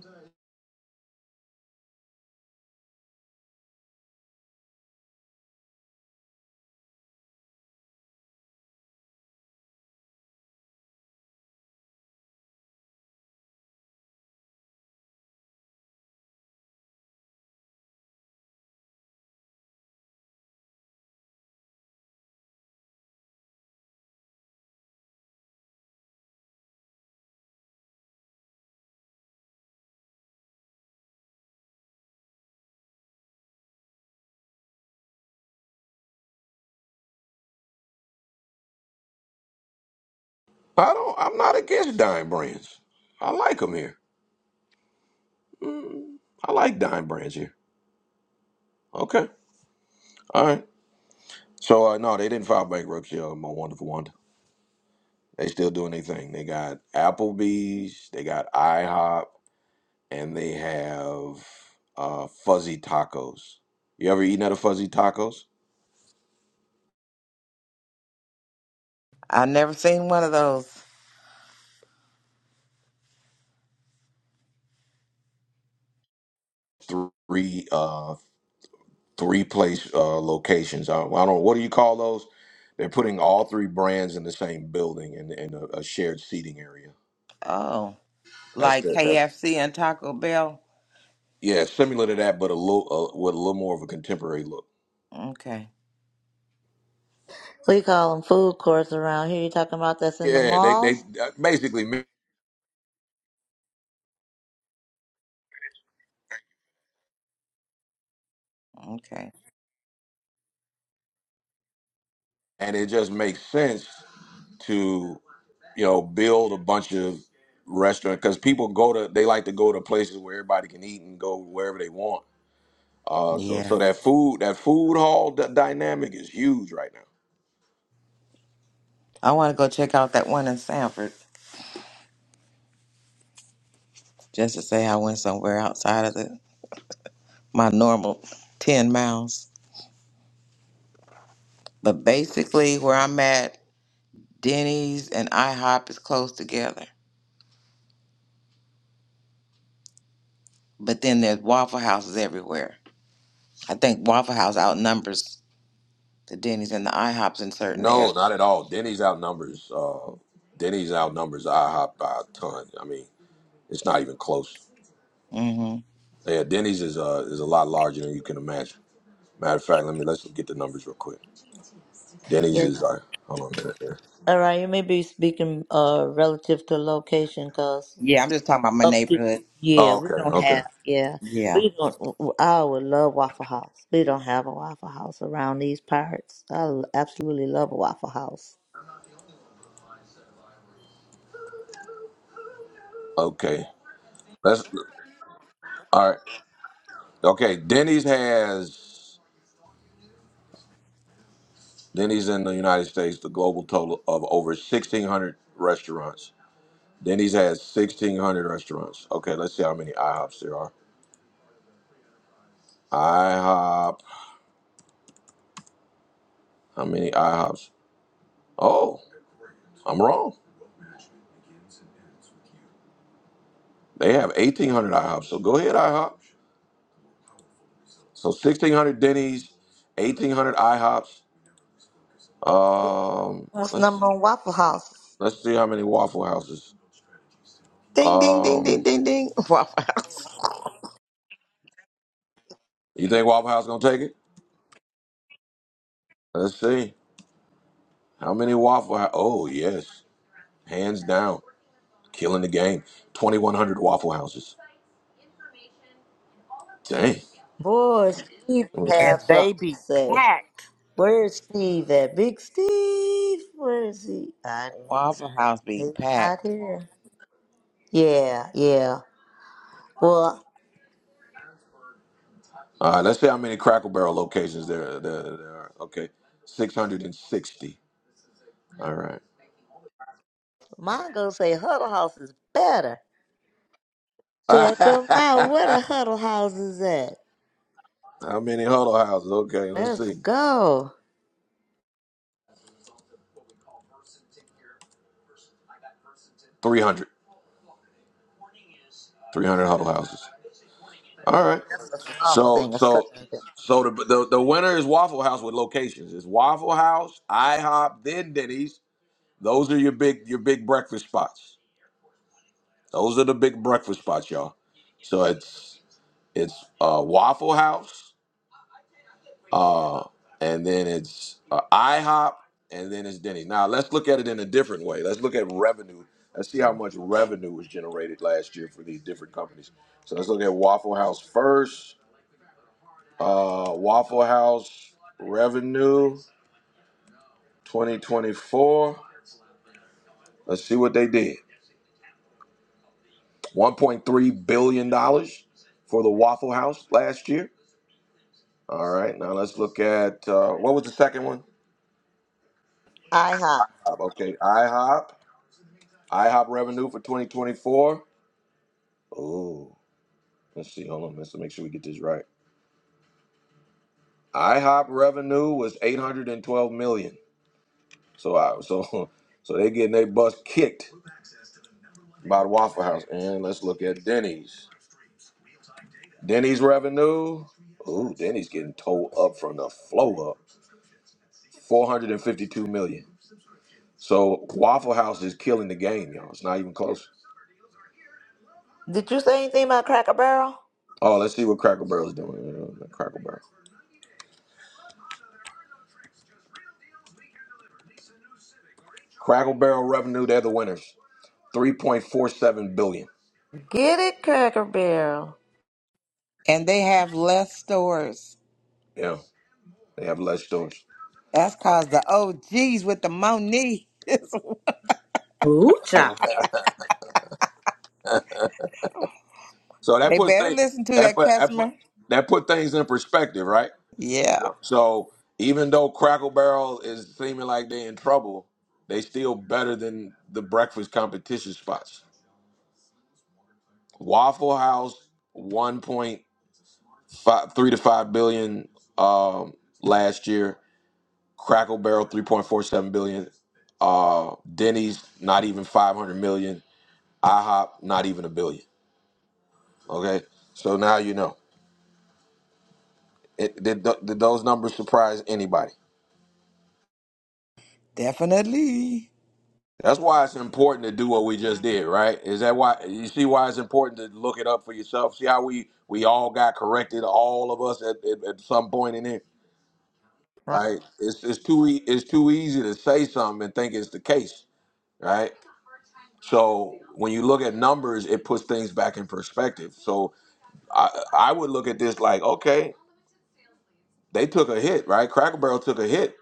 Speaker 1: I don't, I'm not against Dime Brands. I like them here. Mm, I like Dime Brands here. Okay. All right. So, uh, no, they didn't file bankruptcy on my wonderful wonder. They still doing their thing. They got Applebee's. They got IHOP. and they have uh, fuzzy tacos. You ever eaten at a fuzzy tacos?
Speaker 10: I never seen one of those.
Speaker 1: Three uh, three place uh, locations. I, I don't know what do you call those. They're putting all three brands in the same building in, in a, a shared seating area.
Speaker 10: Oh,
Speaker 1: That's
Speaker 10: like
Speaker 1: the, that's
Speaker 10: KFC and Taco Bell.
Speaker 1: yeah, similar to that, but a little uh, with a little more of a contemporary look.
Speaker 10: Okay,
Speaker 5: We call them food courts around here. You talking about that's in the
Speaker 1: Yeah, they they
Speaker 5: malls?
Speaker 1: uh, basically, ma-
Speaker 10: okay,
Speaker 1: and it just makes sense to you know build a bunch of restaurants because people go to they like to go to places where everybody can eat and go wherever they want. Uh, so so
Speaker 10: yeah.
Speaker 1: that food that food hall d- dynamic is huge right now.
Speaker 10: I want to go check out that one in Sanford just to say I went somewhere outside of the my normal ten miles. But basically, where I'm at, Denny's and IHOP is close together. But then there's Waffle Houses everywhere. I think Waffle House outnumbers the Denny's and the IHOPs in certain
Speaker 1: No,
Speaker 10: areas.
Speaker 1: not at all. Denny's outnumbers. Uh, Denny's outnumbers IHOP by a ton. I mean, it's not even close.
Speaker 10: hmm
Speaker 1: Yeah, Denny's is uh is a lot larger than you can imagine. Matter of fact, let me let's get the numbers real quick. Denny's
Speaker 5: Yeah.
Speaker 1: is like hold on a minute here.
Speaker 5: All right, you may be speaking uh relative to location, 'cause
Speaker 10: Yeah, I'm just talking about my
Speaker 5: up here.
Speaker 10: neighborhood.
Speaker 5: Yeah,
Speaker 1: Oh,
Speaker 5: we
Speaker 1: okay,
Speaker 5: don't
Speaker 1: okay,
Speaker 5: have. Yeah,
Speaker 10: Yeah.
Speaker 5: we don't. I would love Waffle House. We don't have a Waffle House around these parts. I l- absolutely love a Waffle House.
Speaker 1: okay. Let's all right. Okay, Denny's has Denny's in the United States the global total of over sixteen hundred restaurants. Denny's has sixteen hundred restaurants. Okay, let's see how many IHOPs there are. IHOP, how many IHOPs? Oh, I'm wrong. They have eighteen hundred IHOPs. So go ahead, IHOP. So sixteen hundred Denny's, eighteen hundred IHOPs. Um,
Speaker 5: What's
Speaker 1: let's
Speaker 5: number on Waffle House?
Speaker 1: let's see how many Waffle Houses.
Speaker 10: Ding, ding, ding, ding,
Speaker 1: Um,
Speaker 10: ding, ding. Waffle House.
Speaker 1: you think Waffle House gonna take it? Let's see. How many Waffle House? Oh, yes. Hands down. Killing the game. 2,100 Waffle Houses. Dang.
Speaker 5: Boy, Steve
Speaker 1: Let me
Speaker 5: would
Speaker 1: see.
Speaker 10: And
Speaker 5: have
Speaker 10: they
Speaker 5: something to
Speaker 10: be
Speaker 5: say.
Speaker 10: packed.
Speaker 5: Where's Steve at? Big Steve, where is he? I,
Speaker 10: Waffle House be
Speaker 5: he's not
Speaker 10: packed.
Speaker 5: here. Yeah, yeah. Well,
Speaker 1: All right, let's see how many Crackle Barrel locations there, there, there are. Okay. 660. All right.
Speaker 5: mine gonna say Huddle House is better. Check 'em out. Where the Huddle House is at?
Speaker 1: how many Huddle Houses? Okay, let's
Speaker 5: Let's
Speaker 1: see.
Speaker 5: go.
Speaker 1: 300. 300 Huddle Houses. All right.
Speaker 5: It's a soft
Speaker 1: So,
Speaker 5: thing, a
Speaker 1: so.
Speaker 5: southern thing.
Speaker 1: So the, the the winner is Waffle House with locations. It's Waffle House, IHOP, then Denny's. Those are your big your big breakfast spots. Those are the big breakfast spots, y'all. So it's it's uh, Waffle House, uh, and then it's uh, IHOP, and then it's Denny's. Now let's look at it in a different way. Let's look at revenue. Let's see how much revenue was generated last year for these different companies. So let's look at Waffle House first. Uh, Waffle House revenue 2024. Let's see what they did. 1.3 billion dollars for the Waffle House last year. All right, now let's look at uh, what was the second one?
Speaker 5: IHOP.
Speaker 1: IHOP, Okay, IHOP. IHOP revenue for 2024. Oh, let's see. Hold on, let's make sure we get this right. IHOP revenue was 812 million. So I so so they getting their bus kicked by the Waffle House. And let's look at Denny's. Denny's revenue. Ooh, Denny's getting towed up from the flow up. 452 million. So Waffle House is killing the game, y'all. It's not even close.
Speaker 5: Did you say anything about Cracker Barrel?
Speaker 1: Oh, let's see what Crackle Barrel's doing. Uh, Crackle Barrel. Crackle Barrel revenue, they're the winners. 3.47 billion.
Speaker 5: Get it, Cracker Barrel.
Speaker 10: And they have less stores.
Speaker 1: Yeah, they have less stores.
Speaker 10: That's cause the OGs with the money. they
Speaker 2: Ooh, child.
Speaker 1: So that puts
Speaker 10: better
Speaker 1: things
Speaker 10: listen to
Speaker 1: that
Speaker 10: that
Speaker 1: put that put
Speaker 10: customer.
Speaker 1: that put things in perspective, right?
Speaker 10: Yeah,
Speaker 1: So even though Crackle Barrel is seeming like they're in trouble, they still better than the breakfast competition spots. Waffle House one point five, three to 5 billion um last year. Crackle Barrel 3.47 billion. Uh, Denny's not even 500 million. IHOP not even a billion. Okay, so now you know. It, did, th- did those numbers surprise anybody?
Speaker 10: definitely.
Speaker 1: That's why it's important to do what we just did, right? Is that why you see why it's important to look it up for yourself? See how we we all got corrected, all of us at, at, at some point in it,
Speaker 5: Right.
Speaker 1: right? It's it's too e- it's too easy to say something and think it's the case, right? So when you look at numbers, it puts things back in perspective. So I I would look at this like, okay, they took a hit, right? Cracker Barrel took a hit.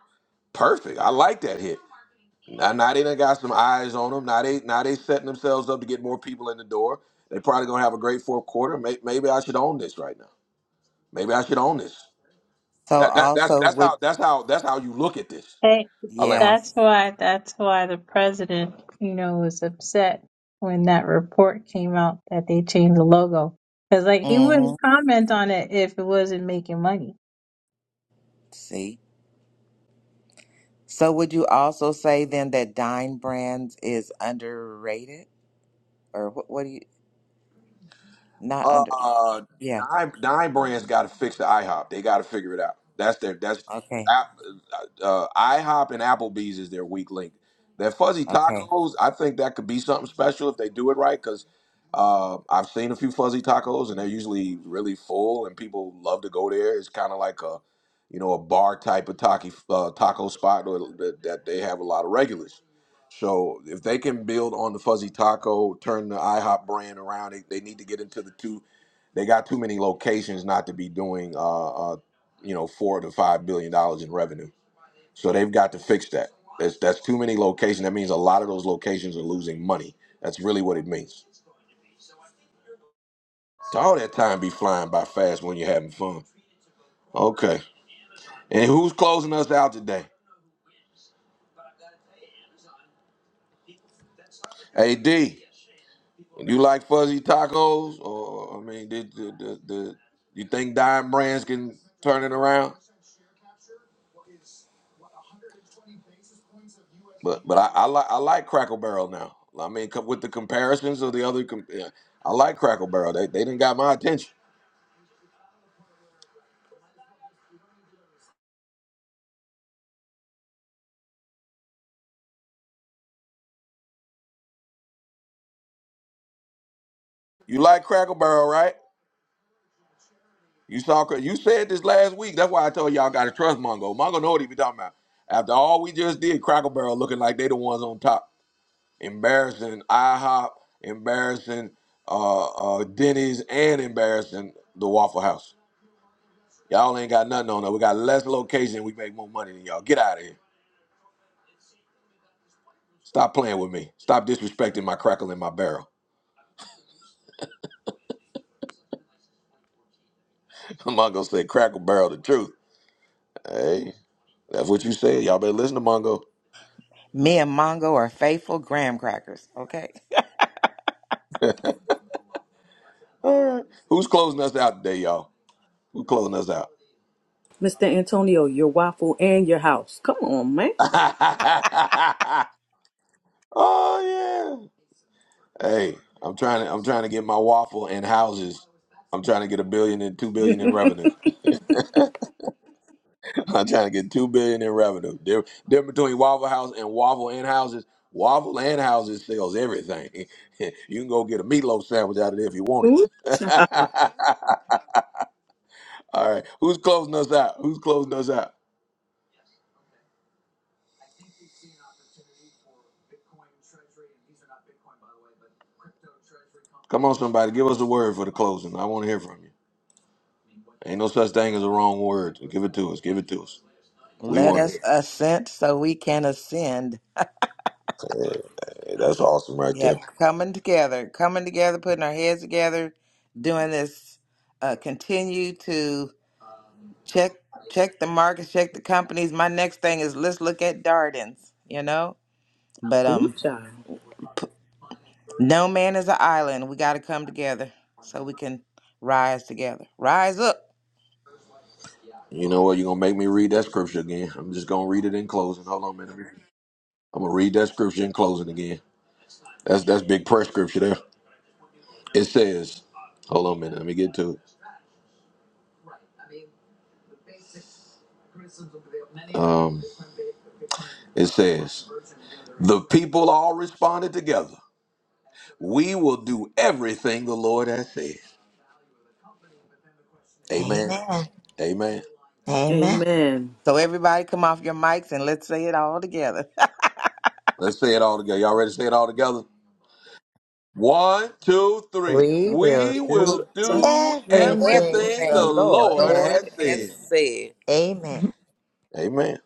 Speaker 1: Perfect. I like that hit. Now, now they done got some eyes on them. Now they now they setting themselves up to get more people in the door. They probably gonna have a great fourth quarter. May- Maybe I should own this right now. Maybe I should own this.
Speaker 10: So
Speaker 1: That, that that's
Speaker 10: also
Speaker 1: that's
Speaker 10: would
Speaker 1: how that's how that's how you look at this.
Speaker 11: Hey,
Speaker 1: I land my.
Speaker 10: yeah.
Speaker 11: that's why that's why the president, you know, was upset when that report came out that they changed the logo. Because like he wouldn't
Speaker 10: Mm-hmm.
Speaker 11: comment on it if it wasn't making money.
Speaker 10: See. So would you also say then that Dine Brands is underrated? Or what what do you not under
Speaker 1: Uh,
Speaker 10: yeah.
Speaker 1: nine nine brands got to fix the IHOP. They got to figure it out. That's their that's
Speaker 10: Okay.
Speaker 1: App- uh, IHOP and Applebee's is their weak link. Their fuzzy
Speaker 10: Okay.
Speaker 1: tacos, I think that could be something special if they do it right. Because uh, I've seen a few fuzzy tacos and they're usually really full and people love to go there. It's kind of like a you know a bar type of taco uh, taco spot or, that that they have a lot of regulars. So if they can build on the fuzzy taco, turn the IHOP brand around, they, they need to get into the two. They got too many locations not to be doing, uh, uh, you know, four to five billion dollars in revenue. So they've got to fix that. That's that's too many locations. That means a lot of those locations are losing money. That's really what it means. So all that time be flying by fast when you're having fun. Okay. And who's closing us out today? AD. You like fuzzy tacos, or I mean, did the the, the you think dime brands can turn it around? But but I, I like I like Crackle Barrel now. I mean, co- with the comparisons of the other, com- yeah, I like Crackle Barrel. They they didn't got my attention. You like Crackle Barrel, right? You saw Cra- you said this last week. That's why I told y'all got to trust Mongo. Mongo know what he be talking about. After all we just did, Crackle Barrel looking like they the ones on top. embarrassing IHOP, embarrassing uh, uh, Denny's, and embarrassing the Waffle House. Y'all ain't got nothing on that. We got less location. We make more money than y'all. Get out of here. Stop playing with me. Stop disrespecting my crackle in my barrel. Mongo going said, "Crackle barrel, the truth." Hey, that's what you said. Y'all better listen to Mongo.
Speaker 10: Me and Mongo are faithful graham crackers. Okay.
Speaker 1: All right. Who's closing us out today, y'all? Who's closing us out?
Speaker 2: Mr. Antonio, your waffle and your house. Come on, man.
Speaker 1: oh yeah. Hey, I'm trying to I'm trying to get my waffle and houses. I'm trying to get a billion and two billion in revenue. I'm trying to get two billion in revenue. There, there between Waffle House and Waffle and houses. Waffle and houses sells everything. you can go get a meatloaf sandwich out of there if you want
Speaker 2: Ooh,
Speaker 1: it.
Speaker 2: child.
Speaker 1: All right, who's closing us out? Who's closing us out? Come on, somebody, give us a word for the closing. I want to hear from you. Ain't no such thing as a wrong word. So Give it to us. Give it to us. We
Speaker 10: Let
Speaker 1: want
Speaker 10: us
Speaker 1: it.
Speaker 10: ascend so we can ascend.
Speaker 1: Hey, that's awesome right there.
Speaker 10: Yep. Coming together, coming together, putting our heads together, doing this. Uh, continue to check check the markets, check the companies. My next thing is let's look at Darden's, you know? But
Speaker 2: Ooh,
Speaker 10: um
Speaker 2: child.
Speaker 10: p- no man is an island. We got to come together so we can rise together. Rise up.
Speaker 1: You know what? You're going to make me read that scripture again. I'm just going to read it in closing. Hold on a minute. I'm going to read that scripture in closing again. That's that's big prayer scripture there. It says, hold on a minute. Let me get to it. Um, it says, the people all responded together. We will do everything the Lord has said. Amen.
Speaker 5: Amen.
Speaker 1: Amen.
Speaker 5: Amen.
Speaker 2: Amen.
Speaker 10: So everybody come off your mics and let's say it all together.
Speaker 1: Let's say it all together. Y'all ready to say it all together? One, two, three.
Speaker 5: We will
Speaker 1: We
Speaker 10: we will
Speaker 5: do
Speaker 1: will
Speaker 10: do
Speaker 1: do
Speaker 2: Blessing.
Speaker 5: everything
Speaker 1: everything
Speaker 5: the
Speaker 1: the
Speaker 10: everything the
Speaker 5: Lord
Speaker 1: Lord
Speaker 5: has
Speaker 1: has
Speaker 10: Lord has
Speaker 5: said.
Speaker 1: said.
Speaker 10: said.
Speaker 5: Amen.
Speaker 1: Amen.